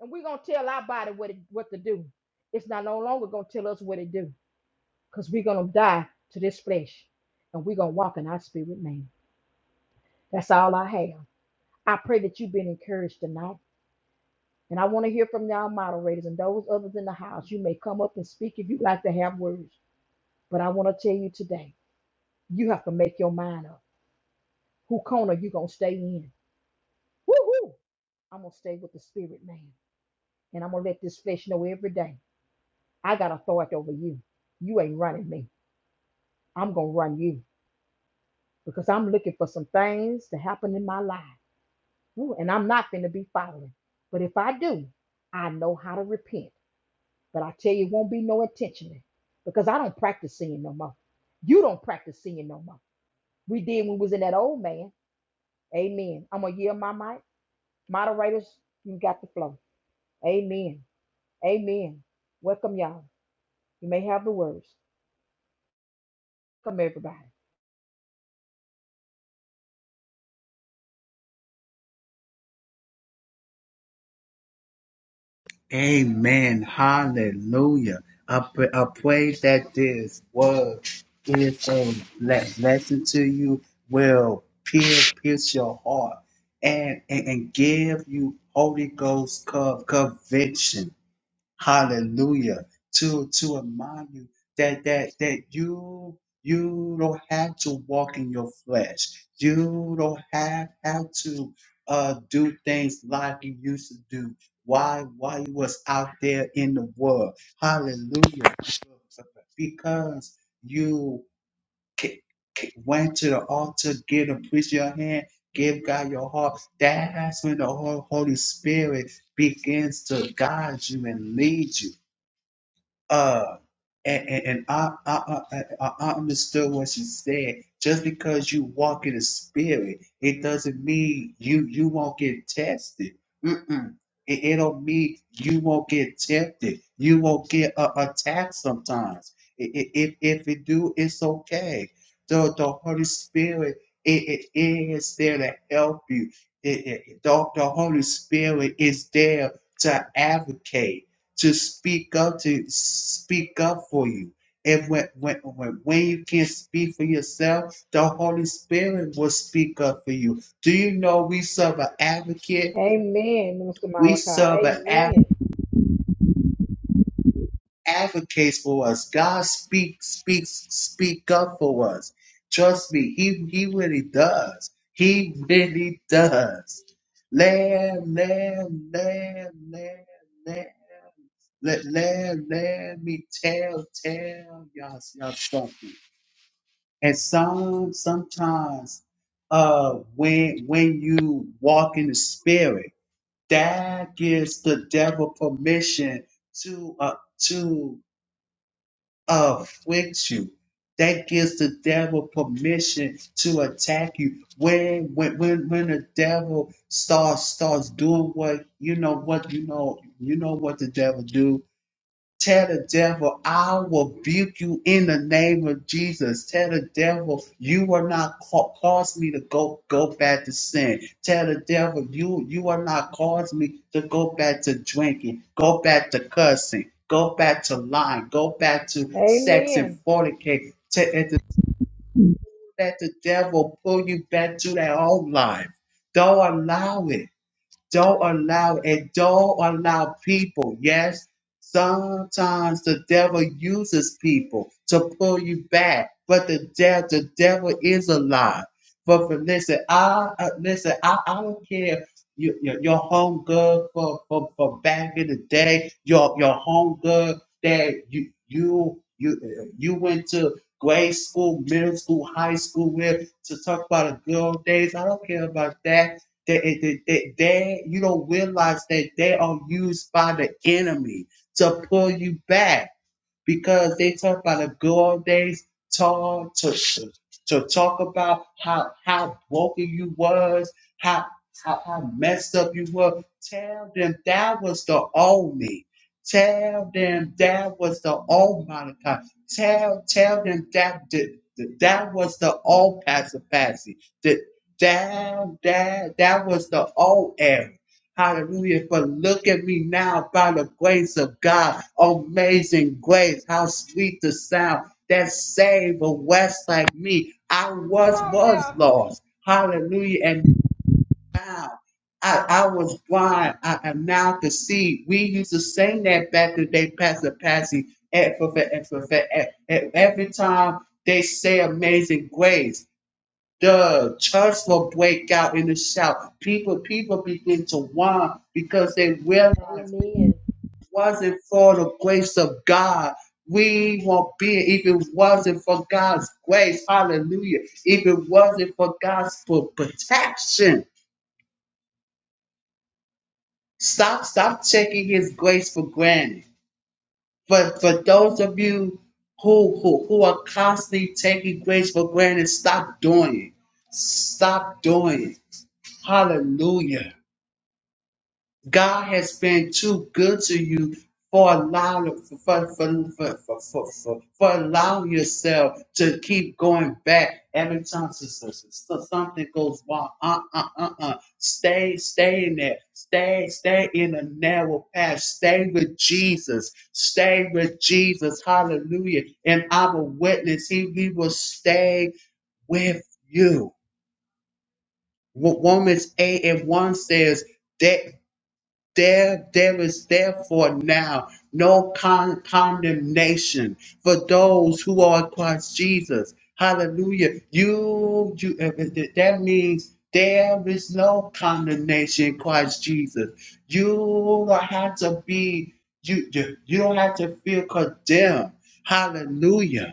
[SPEAKER 1] and we're going to tell our body what, it, what to do. It's not no longer going to tell us what to do because we're going to die to this flesh and we're going to walk in our spirit man. That's all I have. I pray that you've been encouraged tonight. And I want to hear from y'all moderators and those others in the house. You may come up and speak if you'd like to have words. But I want to tell you today, you have to make your mind up. Who corner you going to stay in? Woo-hoo! I'm going to stay with the spirit man. And I'm going to let this flesh know every day, I got authority over you. You ain't running me. I'm going to run you because I'm looking for some things to happen in my life. Woo, and I'm not going to be following. But if I do, I know how to repent. But I tell you, it won't be no intentionally because I don't practice sin no more. You don't practice sin no more. We did when we was in that old man. Amen. I'm going to yield my mic. Moderators, you got the flow. Amen. Amen. Welcome, y'all. You may have the words. Welcome, everybody.
[SPEAKER 3] Amen. Hallelujah. I, pr- I pray that this word is a ble- blessing to you, will pierce, pierce your heart and, and, and give you Holy Ghost co- conviction Hallelujah. To to remind you that that that you you don't have to walk in your flesh. You don't have have to uh do things like you used to do. Why why you was out there in the world. Hallelujah. Because you ca- ca- went to the altar, give and priest your hand, give God your heart. That's when the Hol- Holy Spirit begins to guide you and lead you uh and, and, and I, I, I, I I understood what she said. Just because you walk in the spirit, it doesn't mean you you won't get tested. Mm-mm. It, it don't mean you won't get tempted. You won't get uh, attacked sometimes. I- i- If if it do, it's okay. The the Holy Spirit it, it is there to help you. It, it, the, the Holy Spirit is there to advocate to speak up to speak up for you and when, when, when when you can't speak for yourself the holy spirit will speak up for you do you know we serve an advocate
[SPEAKER 1] Amen, Minister
[SPEAKER 3] we
[SPEAKER 1] Malachi.
[SPEAKER 3] serve an advocate
[SPEAKER 1] Amen.
[SPEAKER 3] advocates for us god speaks speaks speak up for us trust me he, he really does he really does lamb lamb lamb lamb lamb Let, let, let me tell, tell y'all, y'all something. And some, sometimes, uh, when, when you walk in the spirit, that gives the devil permission to, uh, to afflict you. That gives the devil permission to attack you. When, when, when, when the devil starts, starts doing what, you know what, you know, you know what the devil do Tell the devil, I will rebuke you in the name of Jesus. Tell the devil, you are not ca- cause me to go go back to sin. Tell the devil, you you are not cause me to go back to drinking, go back to cussing, go back to lying, go back to sex
[SPEAKER 1] Amen.
[SPEAKER 3] and fornicate. Te- and to let the devil pull you back to that old life. Don't allow it. Don't allow and don't allow people. Yes, sometimes the devil uses people to pull you back, but the devil, the devil is a lie. But for, listen, I uh, listen. I, I don't care. Your, your, your home good for, for, for back in the day. Your your home good that you you you uh, you went to grade school, middle school, high school with to talk about the good old days. I don't care about that. They, they, they, they, they- you don't realize that they are used by the enemy to pull you back because they talk about the good old days, talk to, to to talk about how how broken you was, how how, how messed up you were. Tell them that was the old me. Tell them that was the old Monica. Tell tell them that that, that was the old Pastor Patsy. That that that that was the old era. Hallelujah. But look at me now by the grace of God. Amazing grace. How sweet the sound that saved a West like me. I
[SPEAKER 1] Come
[SPEAKER 3] was,
[SPEAKER 1] on
[SPEAKER 3] was
[SPEAKER 1] now.
[SPEAKER 3] lost. Hallelujah. And now I, I was blind. I am now to see. We used to sing that back in the day, Pastor Patsy. And for- for- and for- for- and- and Every time they say amazing grace. The church will break out in a shout. People, people begin to whine because they realize
[SPEAKER 1] Amen.
[SPEAKER 3] it wasn't for the grace of God, we won't be here. If it wasn't for God's grace, hallelujah. If it wasn't for God's pro- protection, stop, stop taking His grace for granted. But for those of you who who, who are constantly taking grace for granted, stop doing it. Stop doing it. Hallelujah. God has been too good to you for allowing for, for, for, for, for, for, for allowing yourself to keep going back every time so- so- so- so- something goes wrong. Uh uh uh uh. Stay, stay in there. Stay, stay in the narrow path. Stay with Jesus. Stay with Jesus. Hallelujah. And I'm a witness. He, he will stay with you. Wo- Romans 8 and 1 says, there, there is therefore now no con- condemnation for those who are in Christ Jesus. Hallelujah. You, you, uh, uh, that means there is no condemnation in Christ Jesus. You don't have to be, you, you, you don't have to feel condemned. Hallelujah.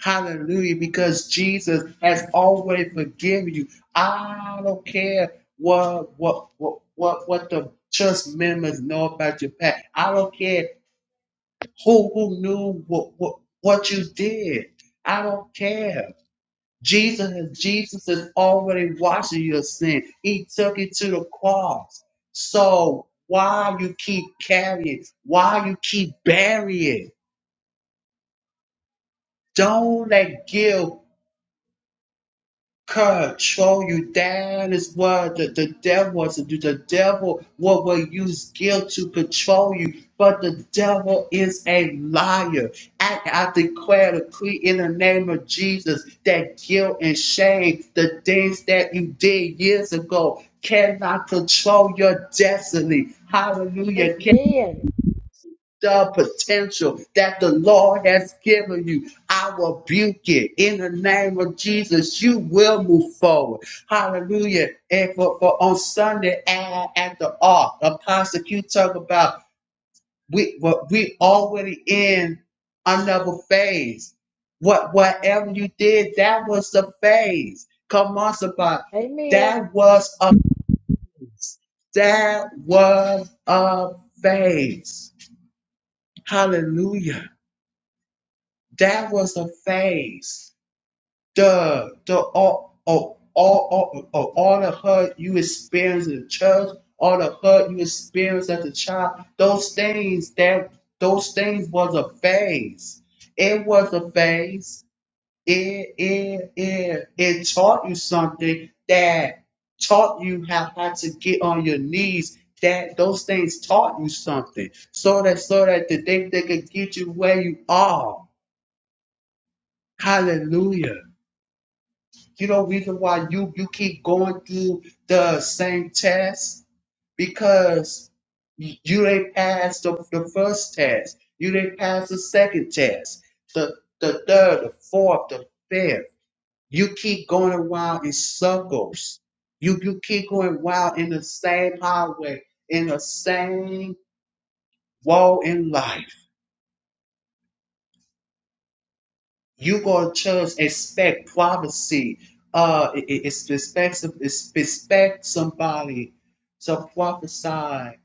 [SPEAKER 3] Hallelujah. Because Jesus has always forgiven you. I don't care what what what what, what the church members know about your past. I don't care who who knew what, what what you did. I don't care. Jesus has Jesus has already washed your sin. He took it to the cross. So why you keep carrying? Why you keep burying? Don't let guilt control you. That is what the, the devil wants to do. The devil will, will use guilt to control you, but the devil is a liar. I, I declare and decree in the name of Jesus that guilt and shame, the things that you did years ago, cannot control your destiny. Hallelujah
[SPEAKER 1] Amen.
[SPEAKER 3] the potential that the Lord has given you. I rebuke it in the name of Jesus. You will move forward. Hallelujah. And for, for on Sunday at, at the ark, Apostle Q talk about we what we already in another phase. What whatever you did, that was the phase. Come on, somebody.
[SPEAKER 1] Amen.
[SPEAKER 3] That was a that was a phase. Hallelujah. That was a phase. The the all all all all, all all the hurt you experienced in church, all the hurt you experienced as a child, those things that those things was a phase. It was a phase. It it it it taught you something that taught you how, how to get on your knees. That those things taught you something, so that so that the they, they could get you where you are Hallelujah. You know, reason why you, you keep going through the same test because you didn't pass the, the first test. You didn't pass the second test, the, the third, the fourth, the fifth. You keep going around in circles. You, you keep going around in the same highway, in the same road in life. you go to church expect prophecy uh it, it, it's expect some- it's expect somebody to prophesy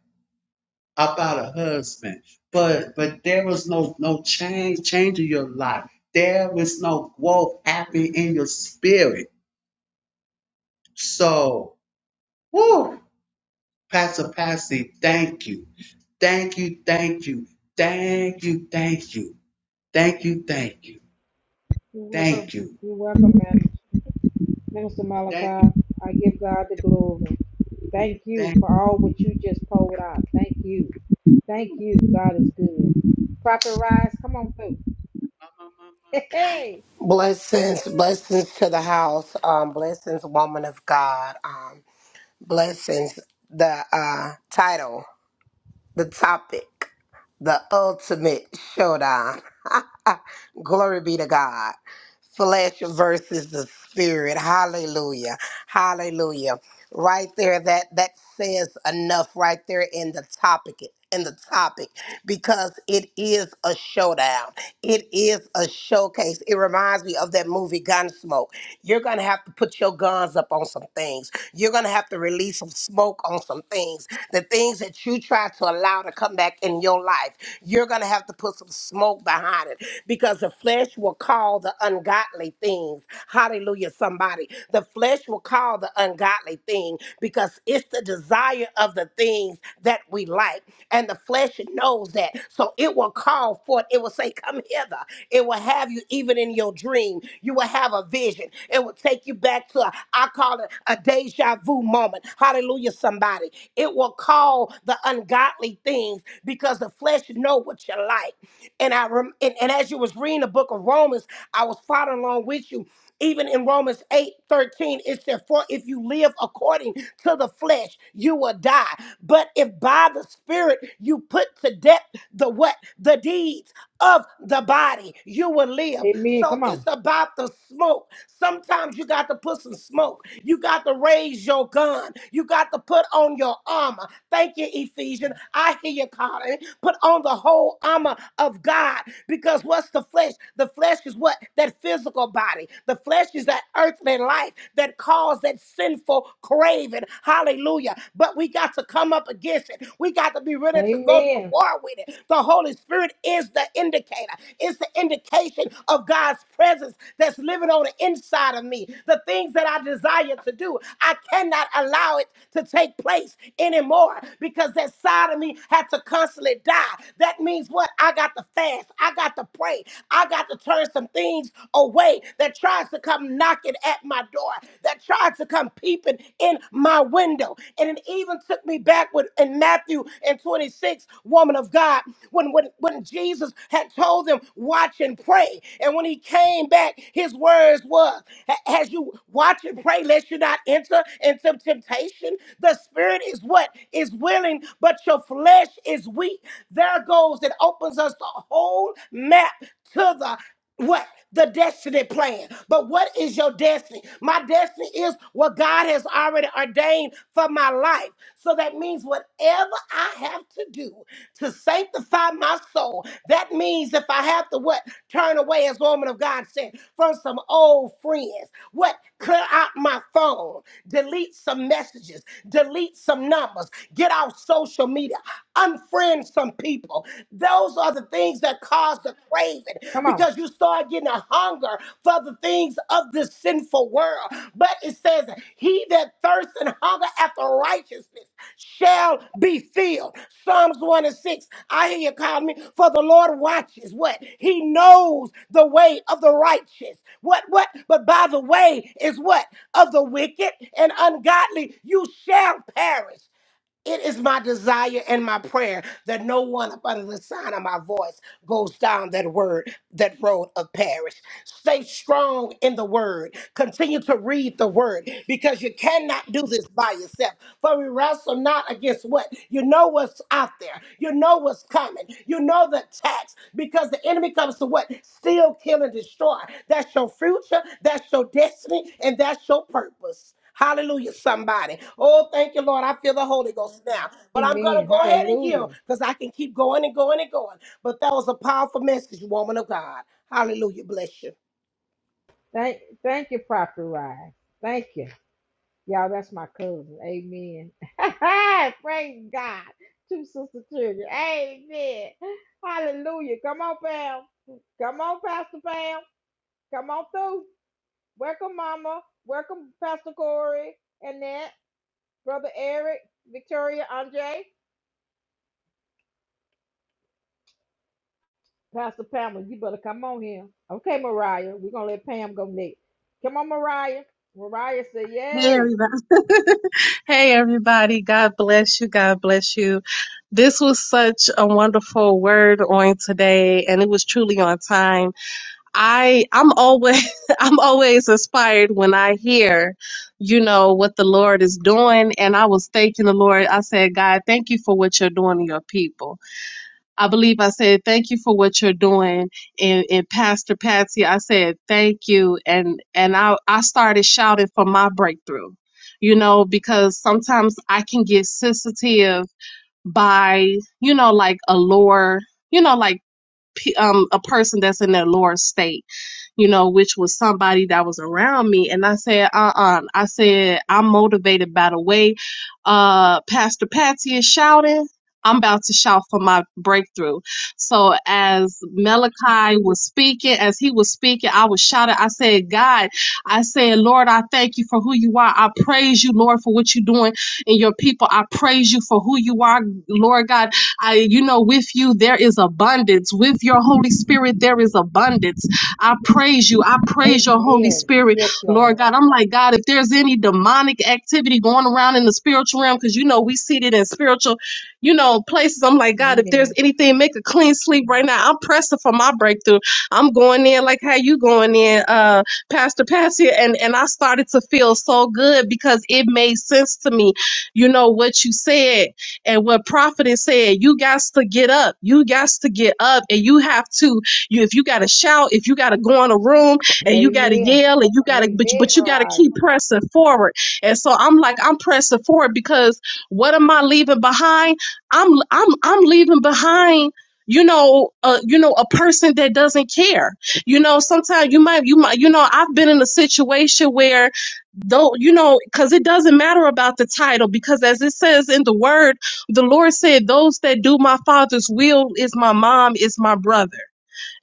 [SPEAKER 3] about a husband but but there was no no change change in your life there was no growth happening in your spirit so woo, pastor Patsy, thank you thank you thank you thank you thank you thank you thank you
[SPEAKER 1] You're welcome.
[SPEAKER 3] thank you
[SPEAKER 1] You're welcome, man. Minister
[SPEAKER 3] thank you
[SPEAKER 1] Malachi. I give God the glory. Thank you
[SPEAKER 3] thank you
[SPEAKER 1] for all what you just poured out. Thank you. Thank you. God is good. Prophet Rise, come on through. *laughs*
[SPEAKER 3] my, my, my, my.
[SPEAKER 1] Hey,
[SPEAKER 3] Thank
[SPEAKER 1] hey.
[SPEAKER 4] Blessings, blessings to the house. Um, blessings, woman of God. Um, blessings, the uh, title, the topic, the ultimate showdown. *laughs* Glory be to God flesh versus the spirit. Hallelujah. Hallelujah. Right there that that says enough right there in the topic in the topic because it is a showdown. It is a showcase. It reminds me of that movie Gunsmoke. You're going to have to put your guns up on some things. You're going to have to release some smoke on some things. The things that you try to allow to come back in your life. You're going to have to put some smoke behind it because the flesh flesh will call the ungodly things. Hallelujah, somebody. The flesh will call the ungodly thing because it's the desire of the things that we like. And the flesh knows that. So it will call forth, it will say, Come hither. It will have you even in your dream. You will have a vision. It will take you back to, a, I call it a deja vu moment. Hallelujah, somebody. It will call the ungodly things because the flesh know what you like. And I rem- and and. And as you was reading the book of Romans, I was following along with you. Even in Romans 8 13, it said, For if you live according to the flesh, you will die. But if by the Spirit you put to death the what? The deeds of the body, you will live.
[SPEAKER 1] Amen.
[SPEAKER 4] So
[SPEAKER 1] Come
[SPEAKER 4] it's
[SPEAKER 1] on.
[SPEAKER 4] about the smoke. Sometimes you got to put some smoke. You got to raise your gun. You got to put on your armor. Thank you, Ephesians. I hear you calling. Put on the whole armor of God because what's the flesh? The flesh is what? That physical body. The flesh is that earthly life that caused that sinful craving. Hallelujah. But we got to come up against it. We got to be ready to go to
[SPEAKER 1] Amen.
[SPEAKER 4] war with it. The Holy Spirit is the indicator. It's the indication of God's presence that's living on the inside of me. The things that I desire to do, I cannot allow it to take place anymore because that side of me had to constantly die. That means what? I got to fast. I got to pray. I got to turn some things away that tries to come knocking at my door, that tries to come peeping in my window. And then even even took me back with in Matthew and 26, woman of God, when, when, when Jesus had told them, watch and pray. And when he came back, his words was, "Ha- as you watch and pray, lest you not enter into temptation. The spirit is what is willing, but your flesh is weak. There goes, it opens us the whole map to the what the destiny plan but what is your destiny my destiny is what god has already ordained for my life so that means whatever i have to do to sanctify my soul that means if i have to what turn away as the woman of god said from some old friends what clear out my phone delete some messages delete some numbers get off social media unfriend some people table. Those are the things that cause the craving
[SPEAKER 1] Come on.
[SPEAKER 4] because you start getting a hunger for the things of this sinful world. But it says, He that thirsts and hunger after righteousness shall be filled. Psalms 1 and 6. I hear you calling me. For the Lord watches what? He knows the way of the righteous. What, what? But by the way is what? Of the wicked and ungodly, you shall perish. It is my desire and my prayer that no one up under the sign of my voice goes down that word, that road of perish. Stay strong in the word. Continue to read the word because you cannot do this by yourself. For we wrestle not against what? You know what's out there. You know what's coming. You know the attacks because the enemy comes to what? Steal, kill, and destroy. That's your future. That's your destiny. And that's your purpose. Hallelujah, somebody. Oh, thank you, Lord. I feel the Holy Ghost now. But I'm going to
[SPEAKER 1] Amen.
[SPEAKER 4] go ahead and
[SPEAKER 1] Hallelujah.
[SPEAKER 4] yield because I can keep going and going and going. But that was a powerful message, woman of God. Hallelujah. Bless you.
[SPEAKER 1] Thank thank you, Prophet Rise. Thank you. Y'all, that's my cousin. Amen. *laughs* Praise God. Two sister children. Amen. Hallelujah. Come on, Pam. Come on, Pastor Pam. Come on through. Welcome, Mama. Welcome, Pastor Corey, Annette, Brother Eric, Victoria, Andre, Pastor Pamela. You better come on here. Okay, Mariah. We're gonna let Pam go next. Come on, Mariah. Mariah say,
[SPEAKER 5] Hey
[SPEAKER 1] Yay.
[SPEAKER 5] everybody. *laughs* hey everybody. God bless you. God bless you. This was such a wonderful word on today and it was truly on time. I I'm always *laughs* I'm always inspired when I hear, you know, what the Lord is doing and I was thanking the Lord. I said, God, thank you for what you're doing to your people. I believe I said thank you for what you're doing, and, and Pastor Patsy, I said thank you, and and I I started shouting for my breakthrough, you know, because sometimes I can get sensitive by you know like a lower, you know like p- um a person that's in their lower state you know, which was somebody that was around me. And I said, uh uh I said, I'm motivated by the way uh, Pastor Patsy is shouting. I'm about to shout for my breakthrough. So as Malachi was speaking, as he was speaking, I was shouting. I said, God, I said, Lord, I thank you for who you are. I praise you, Lord, for what you're doing in your people. I praise you for who you are, Lord God. I, you know, with you, there is abundance. With your Holy Spirit, there is abundance I praise you. I praise your Holy
[SPEAKER 1] Amen.
[SPEAKER 5] Spirit,
[SPEAKER 1] Yes,
[SPEAKER 5] Lord
[SPEAKER 1] Lord.
[SPEAKER 5] God. I'm like, God, if there's any demonic activity going around in the spiritual realm, because you know we seated in spiritual, you know, places. I'm like, God, if there's
[SPEAKER 1] Amen.
[SPEAKER 5] anything, make a clean sleep right now. I'm pressing for my breakthrough. I'm going in like how you going in, uh, Pastor Patsy. And and I started to feel so good because it made sense to me, you know, what you said and what prophet is saying. You got to get up. You got to get up and you have to you if you gotta shout, if you gotta go in a room and you gotta
[SPEAKER 1] Amen.
[SPEAKER 5] yell and you gotta but you-
[SPEAKER 1] Amen,
[SPEAKER 5] but you gotta
[SPEAKER 1] Mariah.
[SPEAKER 5] keep pressing forward. And so I'm like, I'm pressing forward because what am I leaving behind? I'm I'm I'm leaving behind you know, uh, you know, a person that doesn't care. You know, sometimes you might, you might, you know, I've been in a situation where though, you know, because it doesn't matter about the title, because as it says in the word, the Lord said, "Those that do my Father's will is my mom, is my brother."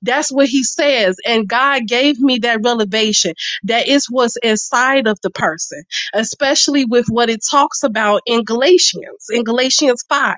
[SPEAKER 5] That's what he says. And God gave me that revelation that is what's inside of the person, especially with what it talks about in Galatians, in Galatians 5.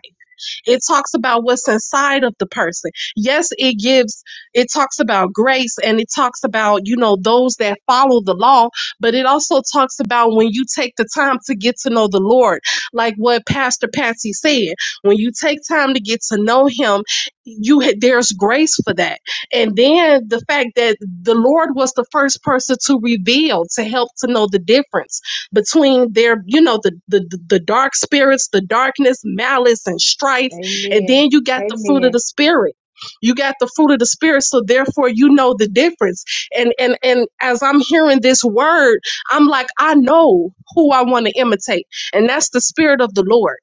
[SPEAKER 5] It talks about what's inside of the person. Yes, it gives, it talks about grace and it talks about, you know, those that follow the law, but it also talks about when you take the time to get to know the Lord, like what Pastor Patsy said. When you take time to get to know Him, you ha- there's grace for that. And then the fact that the Lord was the first person to reveal, to help to know the difference between their, you know, the the, the the dark spirits, the darkness, malice, and strife and
[SPEAKER 1] Amen.
[SPEAKER 5] then you got the fruit of
[SPEAKER 1] Amen.
[SPEAKER 5] the spirit. You got the fruit of the spirit, so therefore you know the difference. And and and as I'm hearing this word, I'm like, I know who I want to imitate, and that's the spirit of the Lord.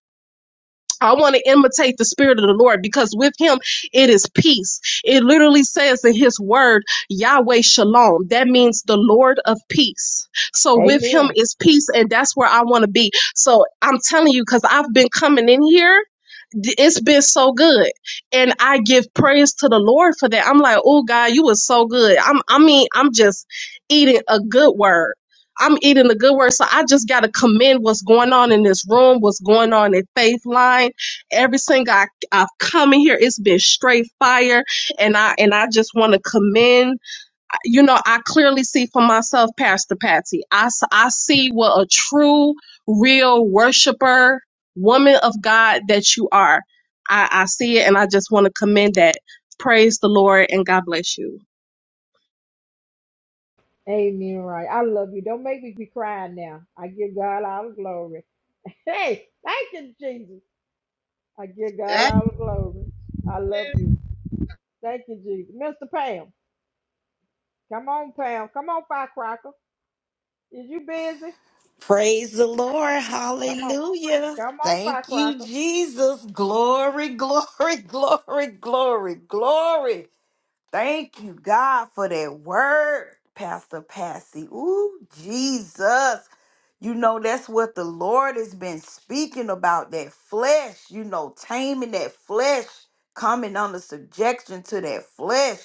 [SPEAKER 5] I want to imitate the spirit of the Lord because with him it is peace. It literally says in his word, Yahweh Shalom. That means the Lord of peace. So with him
[SPEAKER 1] Amen.
[SPEAKER 5] is peace, and that's where I want to be. So I'm telling you, because I've been coming in here. d- It's been so good, and I give praise to the Lord for that. I'm like, oh God, you was so good. I'm, I mean, I'm just eating a good word. I'm eating a good word, so I just gotta commend what's going on in this room, what's going on in Faith Line, every single I, I've come in here, it's been straight fire, and I and I just want to commend. You know, I clearly see for myself, Pastor Patsy. I s- I see what a true, real worshiper, woman of God that you are. I, I see it, and I just want to commend that. Praise the Lord, and God bless you.
[SPEAKER 1] Amen, Mariah. I love you. Don't make me be crying now. I give God all the glory. *laughs* Hey, thank you, Jesus. I give God
[SPEAKER 3] Thank
[SPEAKER 1] all the glory. I love
[SPEAKER 3] you.
[SPEAKER 1] you. Thank you, Jesus. Mr. Pam, come on, Pam. Come on, Firecracker. Is you busy?
[SPEAKER 2] Praise the Lord.
[SPEAKER 1] Come on.
[SPEAKER 2] Hallelujah.
[SPEAKER 1] Come on,
[SPEAKER 2] Thank you,
[SPEAKER 1] Firecracker.
[SPEAKER 2] Jesus. Glory, glory, *laughs* glory, glory, glory. Thank you, God, for that word, Pastor Patsy. Ooh, Jesus. You know, that's what the Lord has been speaking about that flesh, you know, taming that flesh, coming under subjection to that flesh.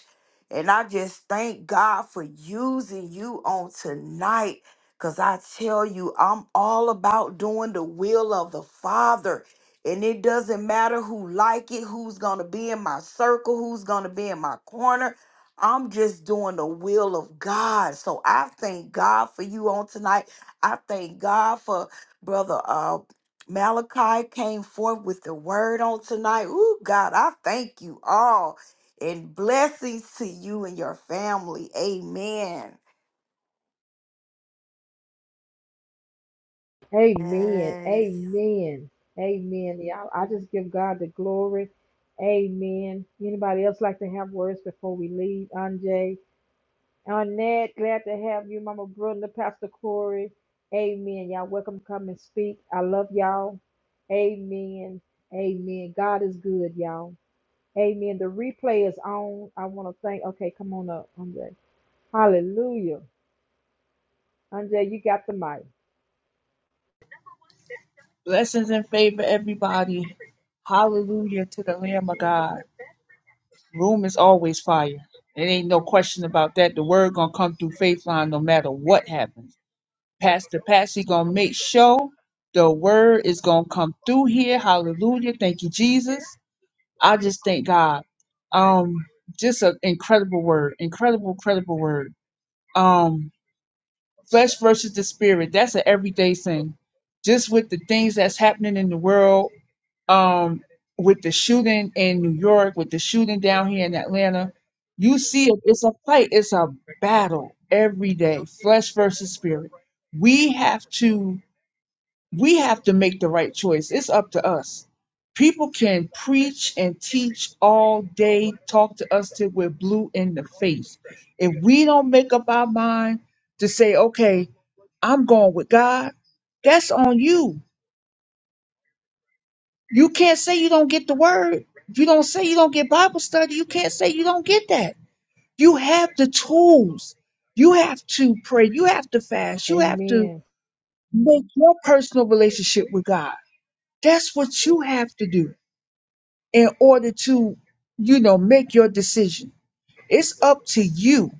[SPEAKER 2] And I just thank God for using you on tonight. Because I tell you, I'm all about doing the will of the Father. And it doesn't matter who like it, who's gonna be in my circle, who's gonna be in my corner. I'm just doing the will of God. So I thank God for you on tonight. I thank God for brother uh Malachi came forth with the word on tonight. Ooh, God, I thank you all and blessings to you and your family. Amen.
[SPEAKER 1] Amen.
[SPEAKER 2] Yes.
[SPEAKER 1] Amen. Amen. Y'all, I just give God the glory. Amen. Anybody else like to have words before we leave? Anjay, Annette, glad to have you, Mama Brenda, Pastor Corey. Amen. Y'all, welcome. to Come and speak. I love y'all. Amen. Amen. God is good, y'all. Amen. The replay is on. I want to thank. Okay, come on up, Andre. Hallelujah. Andre, you got the mic.
[SPEAKER 6] Blessings and favor, everybody. Hallelujah to the Lamb of God. Room is always fire. It ain't no question about that. The word gonna come through faith line no matter what happens. Pastor Patsy gonna make sure the word is gonna come through here. Hallelujah. Thank you, Jesus. I just thank God. Um, just an incredible word. Incredible, incredible word. Um, flesh versus the spirit. That's an everyday thing. Just with the things that's happening in the world um, with the shooting in New York, with the shooting down here in Atlanta, you see it, it's a fight, it's a battle every day, flesh versus spirit. We have to we have to make the right choice. It's up to us. People can preach and teach all day, talk to us till we're blue in the face. If we don't make up our mind to say, okay, I'm going with God, that's on you You can't say you don't get the word. you don't say you don't get Bible study, you can't say you don't get that. You have the tools. You have to pray. You have to fast. You have to
[SPEAKER 1] Amen.
[SPEAKER 6] make your personal relationship with God. That's what you have to do in order to, you know, make your decision. It's up to you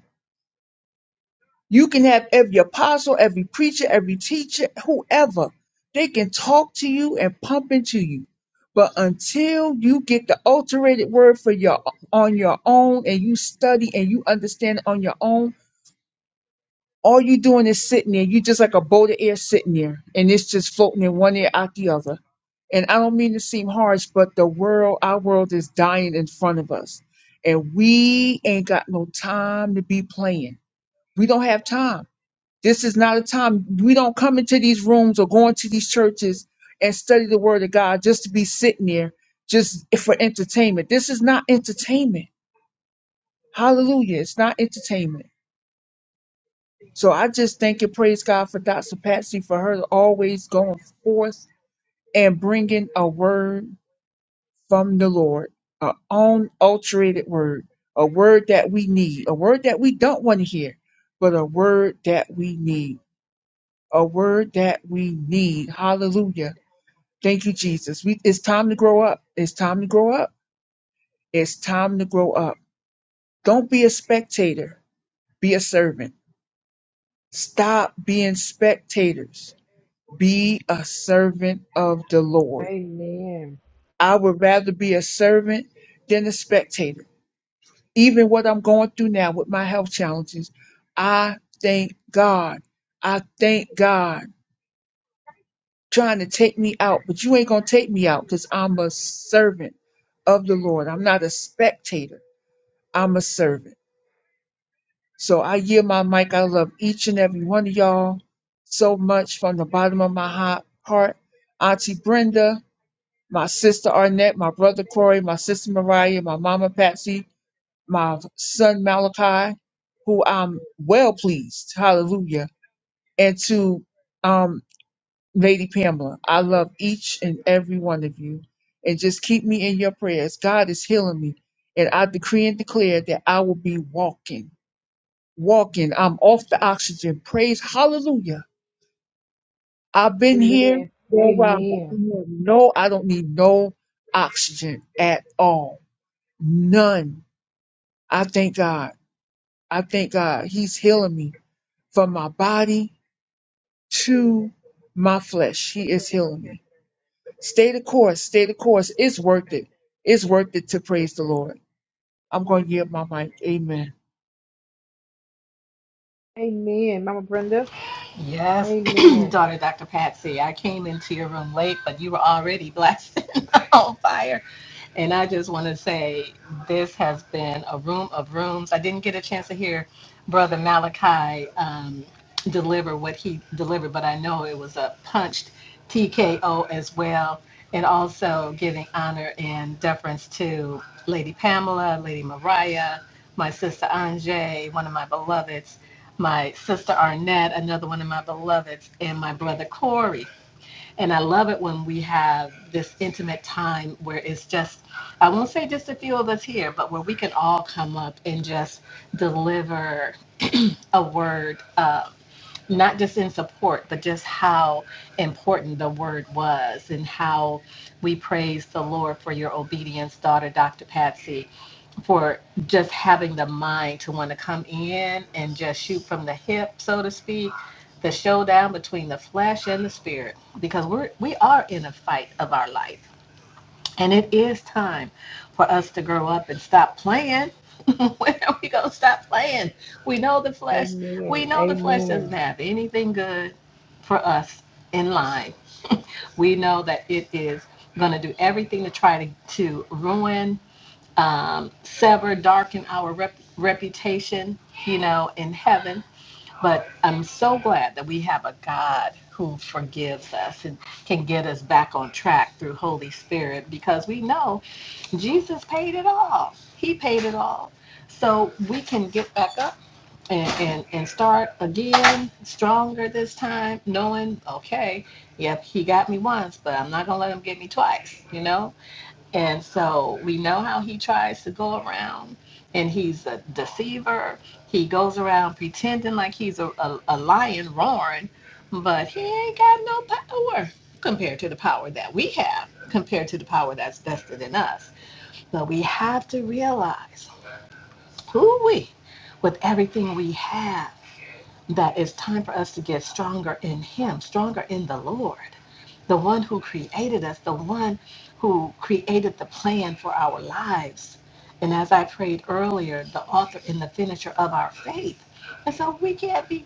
[SPEAKER 6] You can have every apostle, every preacher, every teacher, whoever. They can talk to you and pump into you. But until you get the alterated word for your on your own and you study and you understand it on your own, all you doing is sitting there. You just like a boat of air sitting there and it's just floating in one ear out the other. And I don't mean to seem harsh, but the world, our world is dying in front of us. And we ain't got no time to be playing. We don't have time. This is not a time we don't come into these rooms or go into these churches and study the word of God just to be sitting there just for entertainment. This is not entertainment. Hallelujah. It's not entertainment. So I just thank and praise God for Dr. Patsy for her always going forth and bringing a word from the Lord, an unalterated word, a word that we need, a word that we don't want to hear, but a word that we need, a word that we need. Hallelujah Thank you, Jesus. We, it's time to grow up. It's time to grow up. It's time to grow up. Don't be a spectator. Be a servant. Stop being spectators. Be a servant of the Lord.
[SPEAKER 1] Amen.
[SPEAKER 6] I would rather be a servant than a spectator. Even what I'm going through now with my health challenges, I thank God. I thank God trying to take me out, but you ain't going to take me out because I'm a servant of the Lord. I'm not a spectator. I'm a servant. So I yield my mic. I love each and every one of y'all so much from the bottom of my hot heart. Auntie Brenda, my sister Arnett, my brother Corey, my sister Mariah, my mama Patsy, my son Malachi, who I'm well pleased. Hallelujah. And to um, Lady Pamela, I love each and every one of you. And just keep me in your prayers. God is healing me. And I decree and declare that I will be walking. walking. I'm off the oxygen. Praise hallelujah. I've been here
[SPEAKER 1] Amen.
[SPEAKER 6] for a while, but I
[SPEAKER 1] Amen.
[SPEAKER 6] have no, I don't need no oxygen at all. None. I thank God. I thank God. He's healing me from my body to my flesh. He is healing me. Stay the course. Stay the course. It's worth it. It's worth it to praise the Lord. I'm going to give my mic. Amen.
[SPEAKER 1] Amen. Mama Brenda.
[SPEAKER 7] Yes, *clears throat*
[SPEAKER 1] Amen.
[SPEAKER 7] daughter Dr. Patsy, I came into your room late, but you were already blasting *laughs* on fire. And I just want to say this has been a room of rooms. I didn't get a chance to hear Brother Malachi um, deliver what he delivered, but I know it was a punched TKO as well. And also giving honor and deference to Lady Pamela, Lady Mariah, my sister Anjay, one of my beloveds my sister Arnett, another one of my beloveds, and my brother Corey. And I love it when we have this intimate time where it's just, I won't say just a few of us here, but where we can all come up and just deliver a word, uh, not just in support, but just how important the word was and how we praise the Lord for your obedience, daughter, Dr. Patsy for just having the mind to want to come in and just shoot from the hip, so to speak, the showdown between the flesh and the spirit, because we're we are in a fight of our life, and it is time for us to grow up and stop playing. *laughs* when are we gonna stop playing? We know the flesh.
[SPEAKER 1] Amen.
[SPEAKER 7] We know the flesh doesn't
[SPEAKER 1] Amen.
[SPEAKER 7] have anything good for us in line. We know that it is gonna do everything to try to to ruin um, sever, darken our rep- reputation, you know, in heaven. But I'm so glad that we have a God who forgives us and can get us back on track through Holy Spirit because we know Jesus paid it all. He paid it all. So we can get back up and, and, and start again, stronger this time, knowing, okay, yep, he got me once, but I'm not going to let him get me twice, you know? And so we know how he tries to go around and he's a deceiver. He goes around pretending like he's a, a, a lion roaring, but he ain't got no power compared to the power that we have, compared to the power that's vested in us. So we have to realize who we with everything we have that it's time for us to get stronger in Him, stronger in the Lord, the one who created us, the one who created the plan for our lives. And as I prayed earlier, the author and the finisher of our faith. And so we can't be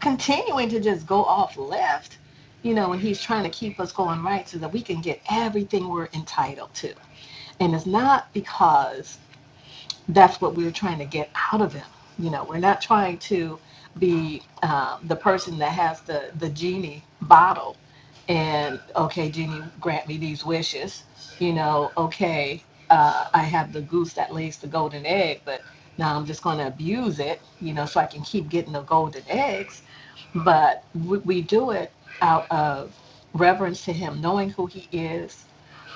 [SPEAKER 7] continuing to just go off left, you know, and He's trying to keep us going right so that we can get everything we're entitled to. And it's not because that's what we're trying to get out of him. You know, we're not trying to be um, the person that has the the genie bottle, and okay, genie, grant me these wishes. You know, okay, uh, I have the goose that lays the golden egg, but now I'm just going to abuse it. You know, so I can keep getting the golden eggs. But we, we do it out of reverence to him, knowing who he is,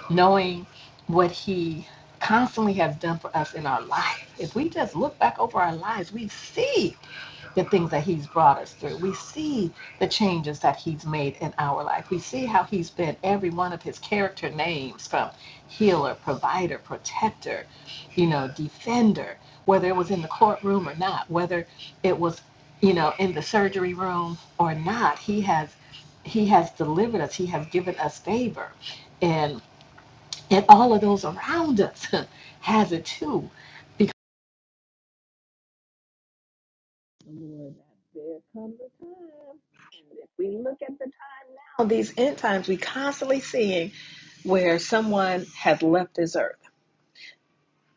[SPEAKER 7] knowing what he constantly has done for us in our life. If we just look back over our lives, we see the things that he's brought us through. We see the changes that he's made in our life. We see how he's been every one of his character names from healer, provider, protector, you know, defender, whether it was in the courtroom or not, whether it was, you know, in the surgery room or not, he has he has delivered us. He has given us favor. And and all of those around us *laughs* has it too. Because the Lord, there comes a time. And if we look at the time, these end times we constantly seeing where someone has left this earth.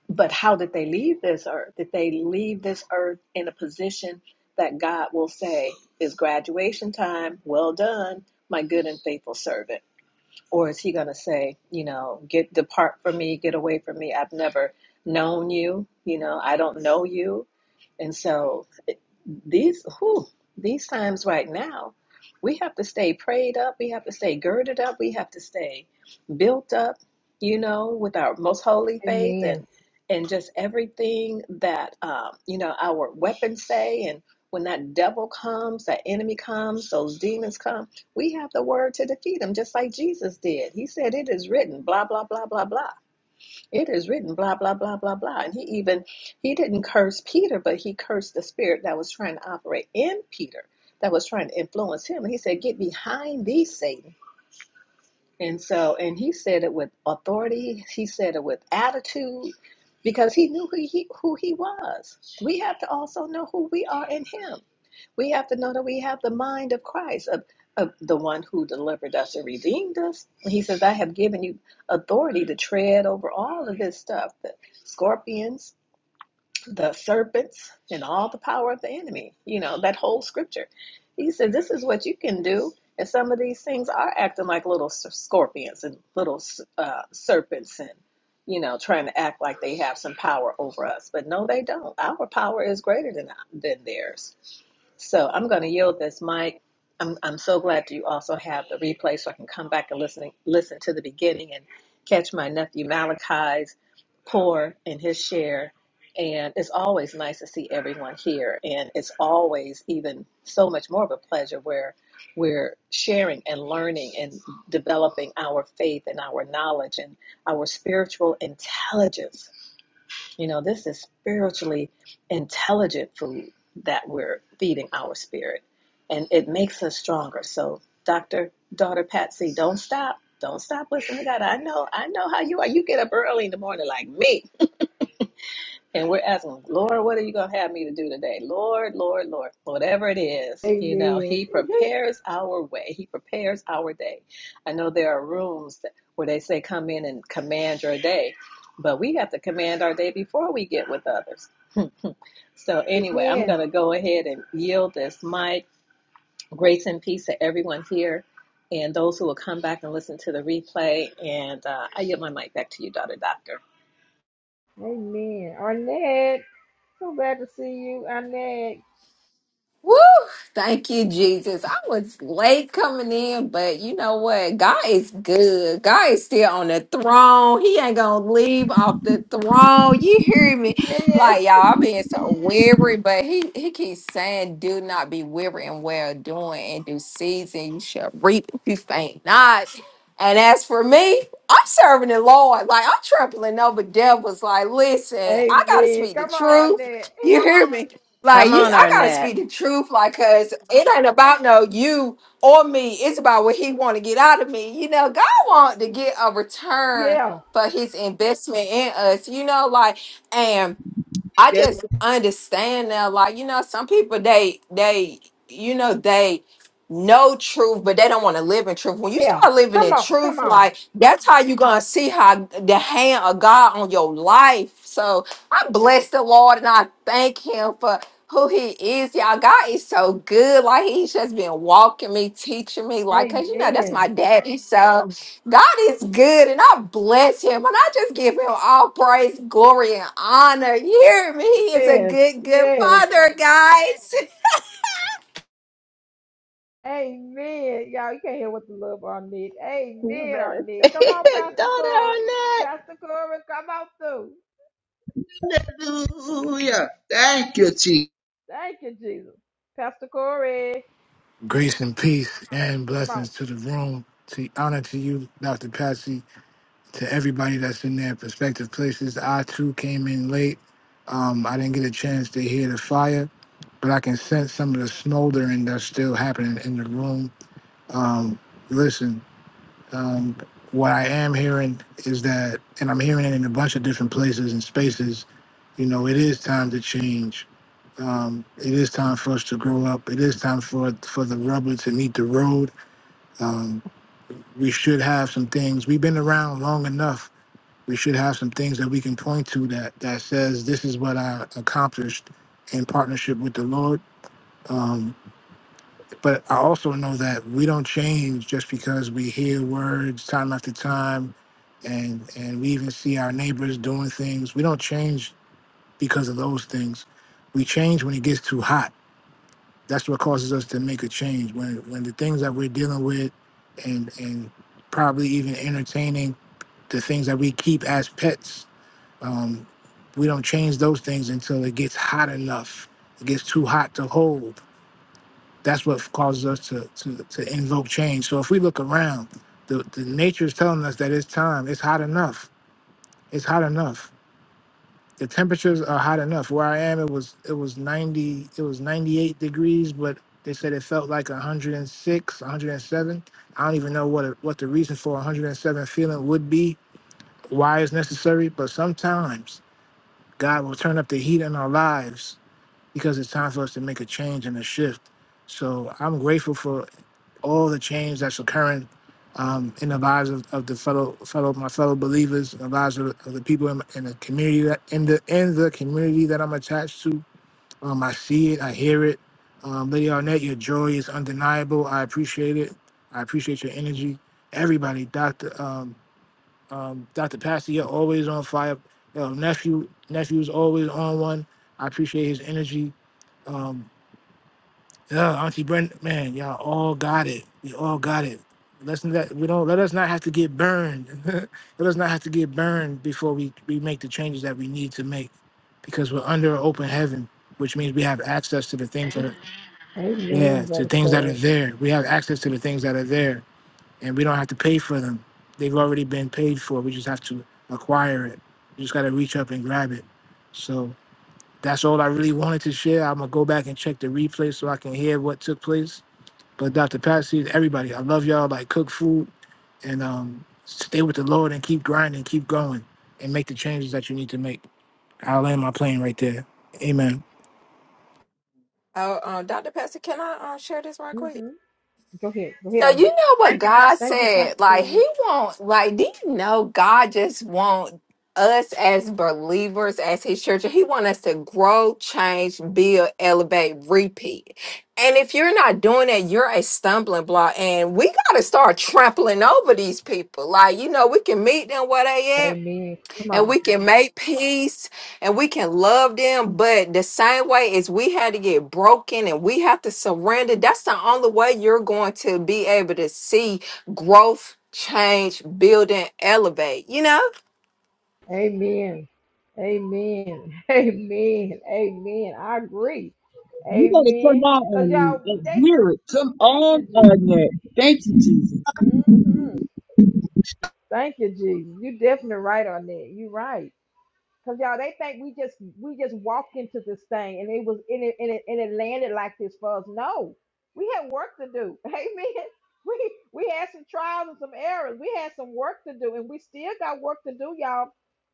[SPEAKER 7] But how did they leave this earth? Did they leave this earth in a position that God will say is graduation time? Well done, my good and faithful servant. Or is he going to say, you know, get depart from me, get away from me? I've never known you. You know, I don't know you And so these whew, these times right now, we have to stay prayed up, we have to stay girded up, we have to stay built up, you know, with our most holy faith
[SPEAKER 1] Amen.
[SPEAKER 7] and and just everything that um, you know our weapons say and when that devil comes, that enemy comes, those demons come, we have the word to defeat them, just like Jesus did. He said, It is written, blah, blah, blah, blah, blah it is written blah blah blah blah blah and he even he didn't curse peter but he cursed the spirit that was trying to operate in peter that was trying to influence him and he said get behind thee satan and so and he said it with authority he said it with attitude because he knew who he who he was we have to also know who we are in him we have to know that we have the mind of Christ, of, of the one who delivered us and redeemed us. He says, I have given you authority to tread over all of this stuff the scorpions, the serpents, and all the power of the enemy. You know, that whole scripture. He said, This is what you can do. And some of these things are acting like little s- scorpions and little uh, serpents and you know, trying to act like they have some power over us, but no, they don't. Our power is greater than than theirs. So I'm going to yield this mic. I'm, I'm so glad you also have the replay so I can come back and listen, listen to the beginning and catch my nephew Malachi's pour and his share. And it's always nice to see everyone here. And it's always even so much more of a pleasure where we're sharing and learning and developing our faith and our knowledge and our spiritual intelligence you know, this is spiritually intelligent food that we're feeding our spirit, and it makes us stronger. So, Doctor Daughter Patsy, don't stop. Don't stop listening to God. I know, I know how you are. You get up early in the morning like me. And we're asking, Lord, what are you going to have me to do today? Lord, Lord, Lord, whatever it is, you know,
[SPEAKER 1] Amen.
[SPEAKER 7] He
[SPEAKER 1] *laughs*
[SPEAKER 7] prepares our way. He prepares our day. I know there are rooms that, where they say, come in and command your day, but we have to command our day before we get with others. So, anyway, I'm
[SPEAKER 1] Amen.
[SPEAKER 7] going to go ahead and yield this mic. Grace and peace to everyone here and those who will come back and listen to the replay. And uh, I yield my mic back to you, daughter doctor.
[SPEAKER 1] Amen. Arnett, so glad to see you, Arnett.
[SPEAKER 8] Woo! Thank you, Jesus. I was late coming in, but you know what? God is good. God is still on the throne. He ain't gonna leave off the throne. You hear me?
[SPEAKER 1] Amen.
[SPEAKER 8] Like y'all, I've been so weary, but he he keeps saying, "Do not be weary in well doing, and do season you shall reap if you faint not." And as for me, I'm serving the Lord. Like I'm trampling over devils. Like, listen, I gotta
[SPEAKER 1] Amen.
[SPEAKER 8] speak the
[SPEAKER 1] Come on,
[SPEAKER 8] truth.
[SPEAKER 1] Arnett.
[SPEAKER 8] You hear me? Like
[SPEAKER 7] Come
[SPEAKER 8] you,
[SPEAKER 7] on,
[SPEAKER 8] I gotta
[SPEAKER 7] Arnett.
[SPEAKER 8] speak the truth, like, cause it ain't about no you or me. It's about what he want to get out of me. You know, God want to get a return
[SPEAKER 1] Yeah.
[SPEAKER 8] for His investment in us. You know, like, and I
[SPEAKER 3] Yes,
[SPEAKER 8] just understand now, like, you know, some people they they you know they know truth, but they don't want to live in truth. When you
[SPEAKER 1] Yeah.
[SPEAKER 8] start living
[SPEAKER 1] Come
[SPEAKER 8] in
[SPEAKER 1] on. Come
[SPEAKER 8] truth,
[SPEAKER 1] on.
[SPEAKER 8] like that's how you gonna see how the hand of God on your life. So I bless the Lord and I thank him for who he is. Y'all, God is so good. Like he's just been walking me, teaching me, like, cause you know, that's
[SPEAKER 1] Amen.
[SPEAKER 8] my daddy. So. God is good and I bless him and I just give him all praise, glory, and honor. You hear me? He is a
[SPEAKER 1] Yes,
[SPEAKER 8] good, good
[SPEAKER 1] yes.
[SPEAKER 8] father, guys. *laughs*
[SPEAKER 1] Amen. Y'all, you can't hear what the love on need.
[SPEAKER 7] You
[SPEAKER 1] Amen,
[SPEAKER 7] better
[SPEAKER 1] on need.
[SPEAKER 7] say *laughs*
[SPEAKER 1] Come on,
[SPEAKER 7] it,
[SPEAKER 1] Pastor Corey.
[SPEAKER 7] daughter
[SPEAKER 1] Pastor Corey, come on through.
[SPEAKER 3] hallelujah. Thank you, Jesus.
[SPEAKER 1] Thank you, Jesus. Pastor Corey,
[SPEAKER 9] Grace and peace and
[SPEAKER 1] come on.
[SPEAKER 9] blessings to the room. To honor to you, Dr. Patsy, to everybody that's in their respective places. I too came in late. Um, I didn't get a chance to hear the fire, but I can sense some of the smoldering that's still happening in the room. Um, listen, um, what I am hearing is that, and I'm hearing it in a bunch of different places and spaces, you know, it is time to change. Um, it is time for us to grow up. It is time for for the rubber to meet the road um, we should have some things. We've been around long enough. We should have some things that we can point to that that says this is what I accomplished in partnership with the Lord. Um, but I also know that we don't change just because we hear words time after time, and and we even see our neighbors doing things. We don't change because of those things. We change when it gets too hot That's what causes us to make a change. When when the things that we're dealing with, and and probably even entertaining the things that we keep as pets, um, we don't change those things until it gets hot enough. It gets too hot to hold. That's what causes us to to, to invoke change. So if we look around, the, the nature is telling us that it's time. It's hot enough. It's hot enough the temperatures are hot enough. Where I am, it was it was ninety it was ninety eight degrees, but they said it felt like 106, 107. I don't even know what what the reason for one hundred and seven feeling would be, why it's necessary, but sometimes God will turn up the heat in our lives because it's time for us to make a change and a shift. So I'm grateful for all the change that's occurring um, in the lives of, of the fellow fellow my fellow believers, in the lives of, the- of the people in, in the community that in the in the community that I'm attached to. Um, I see it, I hear it. Um, Lady Arnett, your joy is undeniable. I appreciate it. I appreciate your energy. Everybody, Doctor um, um, Doctor Pastor, you're always on fire. Yo, nephew nephew's always on one. I appreciate his energy. Um, yeah, Auntie Brenda, man, y'all all got it. We all got it. Let's not we don't let us not have to get burned. *laughs* let us not have to get burned before we, we make the changes that we need to make. Because we're under an open heaven, which means we have access to the things that are
[SPEAKER 1] Amen,
[SPEAKER 9] yeah, to
[SPEAKER 1] Brother
[SPEAKER 9] things that are
[SPEAKER 1] Corey.
[SPEAKER 9] there. We have access to the things that are there and we don't have to pay for them. They've already been paid for. We just have to acquire it. We just gotta reach up and grab it. So that's all I really wanted to share. I'm gonna go back and check the replay so I can hear what took place but Dr. Patsy, everybody, I love y'all. Like cook food and um, stay with the Lord and keep grinding, keep going, and make the changes that you need to make. I'll land my plane right there. Amen.
[SPEAKER 8] Oh, um, Dr. Pastor, can I uh, share this right
[SPEAKER 1] hmm
[SPEAKER 8] quick?
[SPEAKER 1] Go ahead. Go ahead
[SPEAKER 8] So
[SPEAKER 1] on
[SPEAKER 8] you
[SPEAKER 1] it.
[SPEAKER 8] know what God
[SPEAKER 1] Thank you, Pastor
[SPEAKER 8] said? Like
[SPEAKER 1] Corey.
[SPEAKER 8] he won't like do you know God just want us as believers, as his church, he want us to grow, change, build, elevate, repeat. And if you're not doing that, you're a stumbling block. And we gotta start trampling over these people. Like, you know, we can meet them where they at
[SPEAKER 1] Amen. Come
[SPEAKER 8] and
[SPEAKER 1] on.
[SPEAKER 8] we can make peace and we can love them. But the same way as we had to get broken and we have to surrender, that's the only way you're going to be able to see growth, change, building, elevate, you know?
[SPEAKER 1] Amen. Amen. *laughs* Amen. Amen. I agree.
[SPEAKER 6] You're going to come
[SPEAKER 1] Amen.
[SPEAKER 6] on
[SPEAKER 1] Because y'all,
[SPEAKER 6] on that and
[SPEAKER 1] they,
[SPEAKER 6] hear it. Come
[SPEAKER 1] thank you,
[SPEAKER 6] on on
[SPEAKER 1] Jesus.
[SPEAKER 6] that. Thank you, Jesus.
[SPEAKER 1] Thank you, Jesus. You're definitely right on that. You're right. Cause y'all, they think we just we just walked into this thing and it was in it and it, and it landed like this for us. No, we had work to do. *laughs* Amen. We we had some trials and some errors. We had some work to do, and we still got work to do, y'all.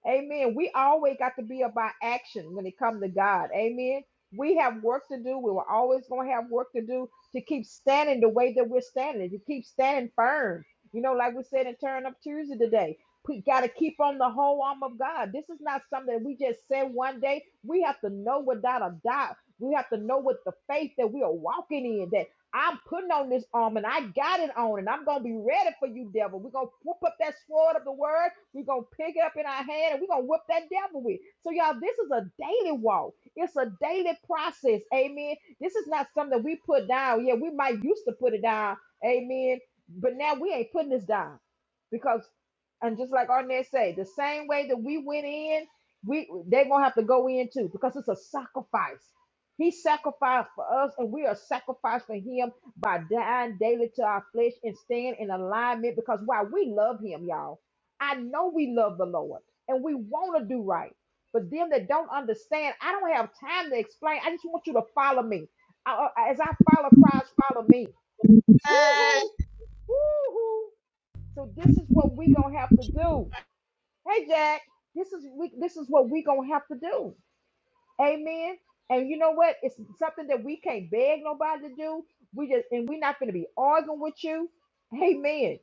[SPEAKER 1] Amen. We always got to be about action when it comes to God. Amen. We have work to do. We were always gonna have work to do to keep standing the way that we're standing, to keep standing firm. You know, like we said in Turn Up Tuesday today. We got to keep on the whole arm of God. This is not something that we just said one day. We have to know without a doubt. We have to know with the faith that we are walking in that I'm putting on this arm and I got it on and I'm going to be ready for you, devil. We're going to whoop up that sword of the word. We're going to pick it up in our hand and we're going to whip that devil with. So, y'all, this is a daily walk. It's a daily process. Amen. This is not something that we put down. Yeah, we might used to put it down. Amen. But now we ain't putting this down because. And just like Arnett say, the same way that we went in, we they're gonna have to go in too because it's a sacrifice. He sacrificed for us, and we are sacrificed for him by dying daily to our flesh and staying in alignment because why we love him, y'all. I know we love the Lord and we want to do right. But them that don't understand, I don't have time to explain. I just want you to follow me. I- I- as I follow Christ, follow me. Woo-hoo, woo-hoo. So this is what we gonna have to do hey Jack, this is we this is what we gonna have to do. Amen. And you know what? It's something that we can't beg nobody to do. We just and we're not gonna be arguing with you. Amen.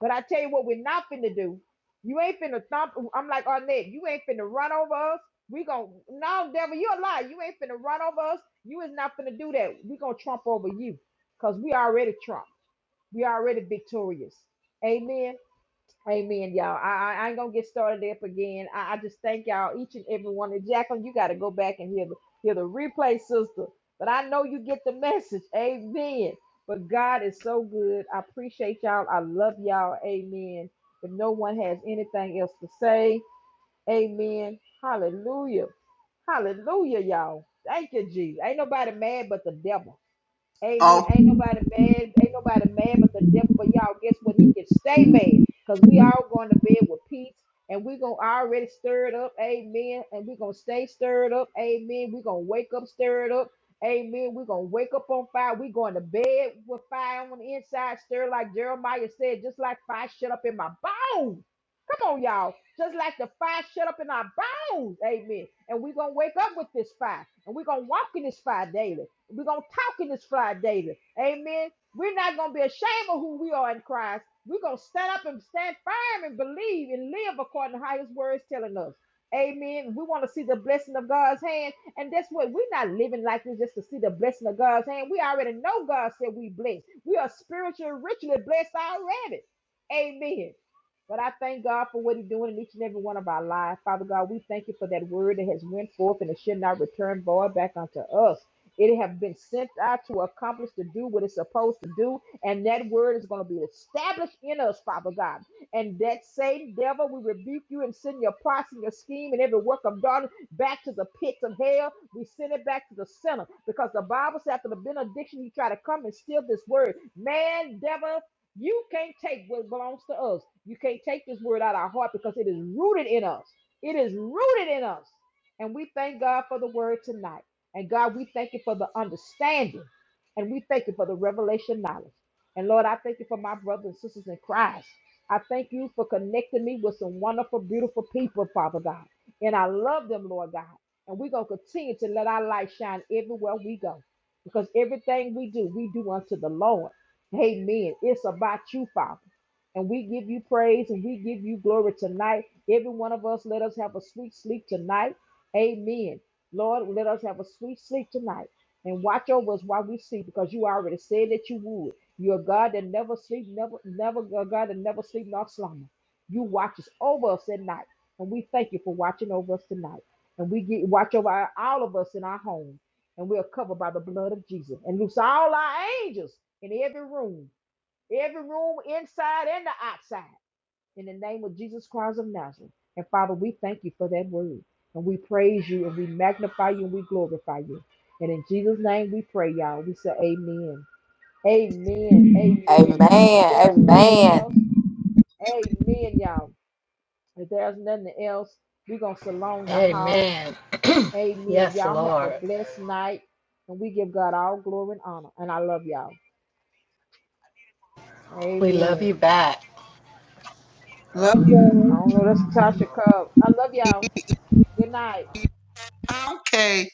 [SPEAKER 1] But I tell you what, we're not finna do. You ain't finna thump. I'm like Arnett, you ain't finna run over us. We gonna no devil, you're a lie. You ain't finna run over us. You is not finna do that. We gonna trump over you. Cause we already trump. We already victorious. Amen. Amen, y'all. I, I I ain't gonna get started up again. I, I just thank y'all, each and every one. And Jacqueline, you got to go back and hear the hear the replay, sister. But I know you get the message. Amen. But God is so good. I appreciate y'all. I love y'all. Amen. If no one has anything else to say, Amen. Hallelujah. Hallelujah, y'all. Thank you, Jesus. Ain't nobody mad but the devil. Amen.
[SPEAKER 3] Oh,
[SPEAKER 1] Ain't nobody mad. Ain't nobody mad but the devil. But y'all, guess what? He can stay mad because we all going to bed with peace and we going to already stir it up. Amen. And we going to stay stirred up. Amen. we going to wake up stirred up. Amen. we going to wake up on fire. we going to bed with fire on the inside, stir like Jeremiah said, just like fire shut up in my bones. Come on, y'all. Just like the fire shut up in our bones. Amen. And we're going to wake up with this fire. And we're going to walk in this fire daily. We're going to talk in this fire daily. Amen. We're not going to be ashamed of who we are in Christ. We're going to stand up and stand firm and believe and live according to how his word is telling us. Amen. We want to see the blessing of God's hand. And that's what we're not living like this just to see the blessing of God's hand. We already know God said we blessed. We are spiritually richly blessed already. Amen. But I thank God for what He's doing in each and every one of our lives. Father God, we thank you for that word that has went forth and it should not return void back unto us. It have been sent out to accomplish to do what it's supposed to do, and that word is going to be established in us, Father God. And that same devil, we rebuke you and send your plots and your scheme and every work of darkness back to the pits of hell. We send it back to the center because the Bible says after the benediction, you try to come and steal this word. Man, devil, you can't take what belongs to us. You can't take this word out of our heart because it is rooted in us. It is rooted in us. And we thank God for the word tonight. And God, we thank you for the understanding. And we thank you for the revelation knowledge. And Lord, I thank you for my brothers and sisters in Christ. I thank you for connecting me with some wonderful, beautiful people, Father God. And I love them, Lord God. And we're going to continue to let our light shine everywhere we go. Because everything we do, we do unto the Lord. Amen. It's about you, Father. And we give you praise and we give you glory tonight. Every one of us, let us have a sweet sleep tonight. Amen. Lord, let us have a sweet sleep tonight. And watch over us while we sleep, because you already said that you would. You're a God that never sleep, never, never a God that never sleep nor slumber. You watch us over us at night. And we thank you for watching over us tonight. And we get watch over our- all of us in our homes and we are covered by the blood of Jesus. And loose all our angels in every room, every room inside and the outside, in the name of Jesus Christ of Nazareth. And Father, we thank you for that word. And we praise you and we magnify you and we glorify you. And in Jesus' name we pray, y'all. We say amen. Amen. Amen,
[SPEAKER 8] Amen.
[SPEAKER 1] y'all. If there's nothing
[SPEAKER 8] Amen.
[SPEAKER 1] else, amen, y'all. If there's nothing else, we're going to
[SPEAKER 7] Arnett.
[SPEAKER 1] salon the house.
[SPEAKER 7] Amen. *clears throat*
[SPEAKER 1] Amen.
[SPEAKER 7] yes,
[SPEAKER 1] Y'all have
[SPEAKER 7] Lord.
[SPEAKER 1] a blessed night. And we give God all glory and honor. And I love y'all.
[SPEAKER 7] We love
[SPEAKER 1] Amen.
[SPEAKER 7] you back.
[SPEAKER 6] Love
[SPEAKER 1] I
[SPEAKER 6] y'all.
[SPEAKER 1] don't know. That's Tasha Cobb. I love y'all. Good night.
[SPEAKER 3] okay.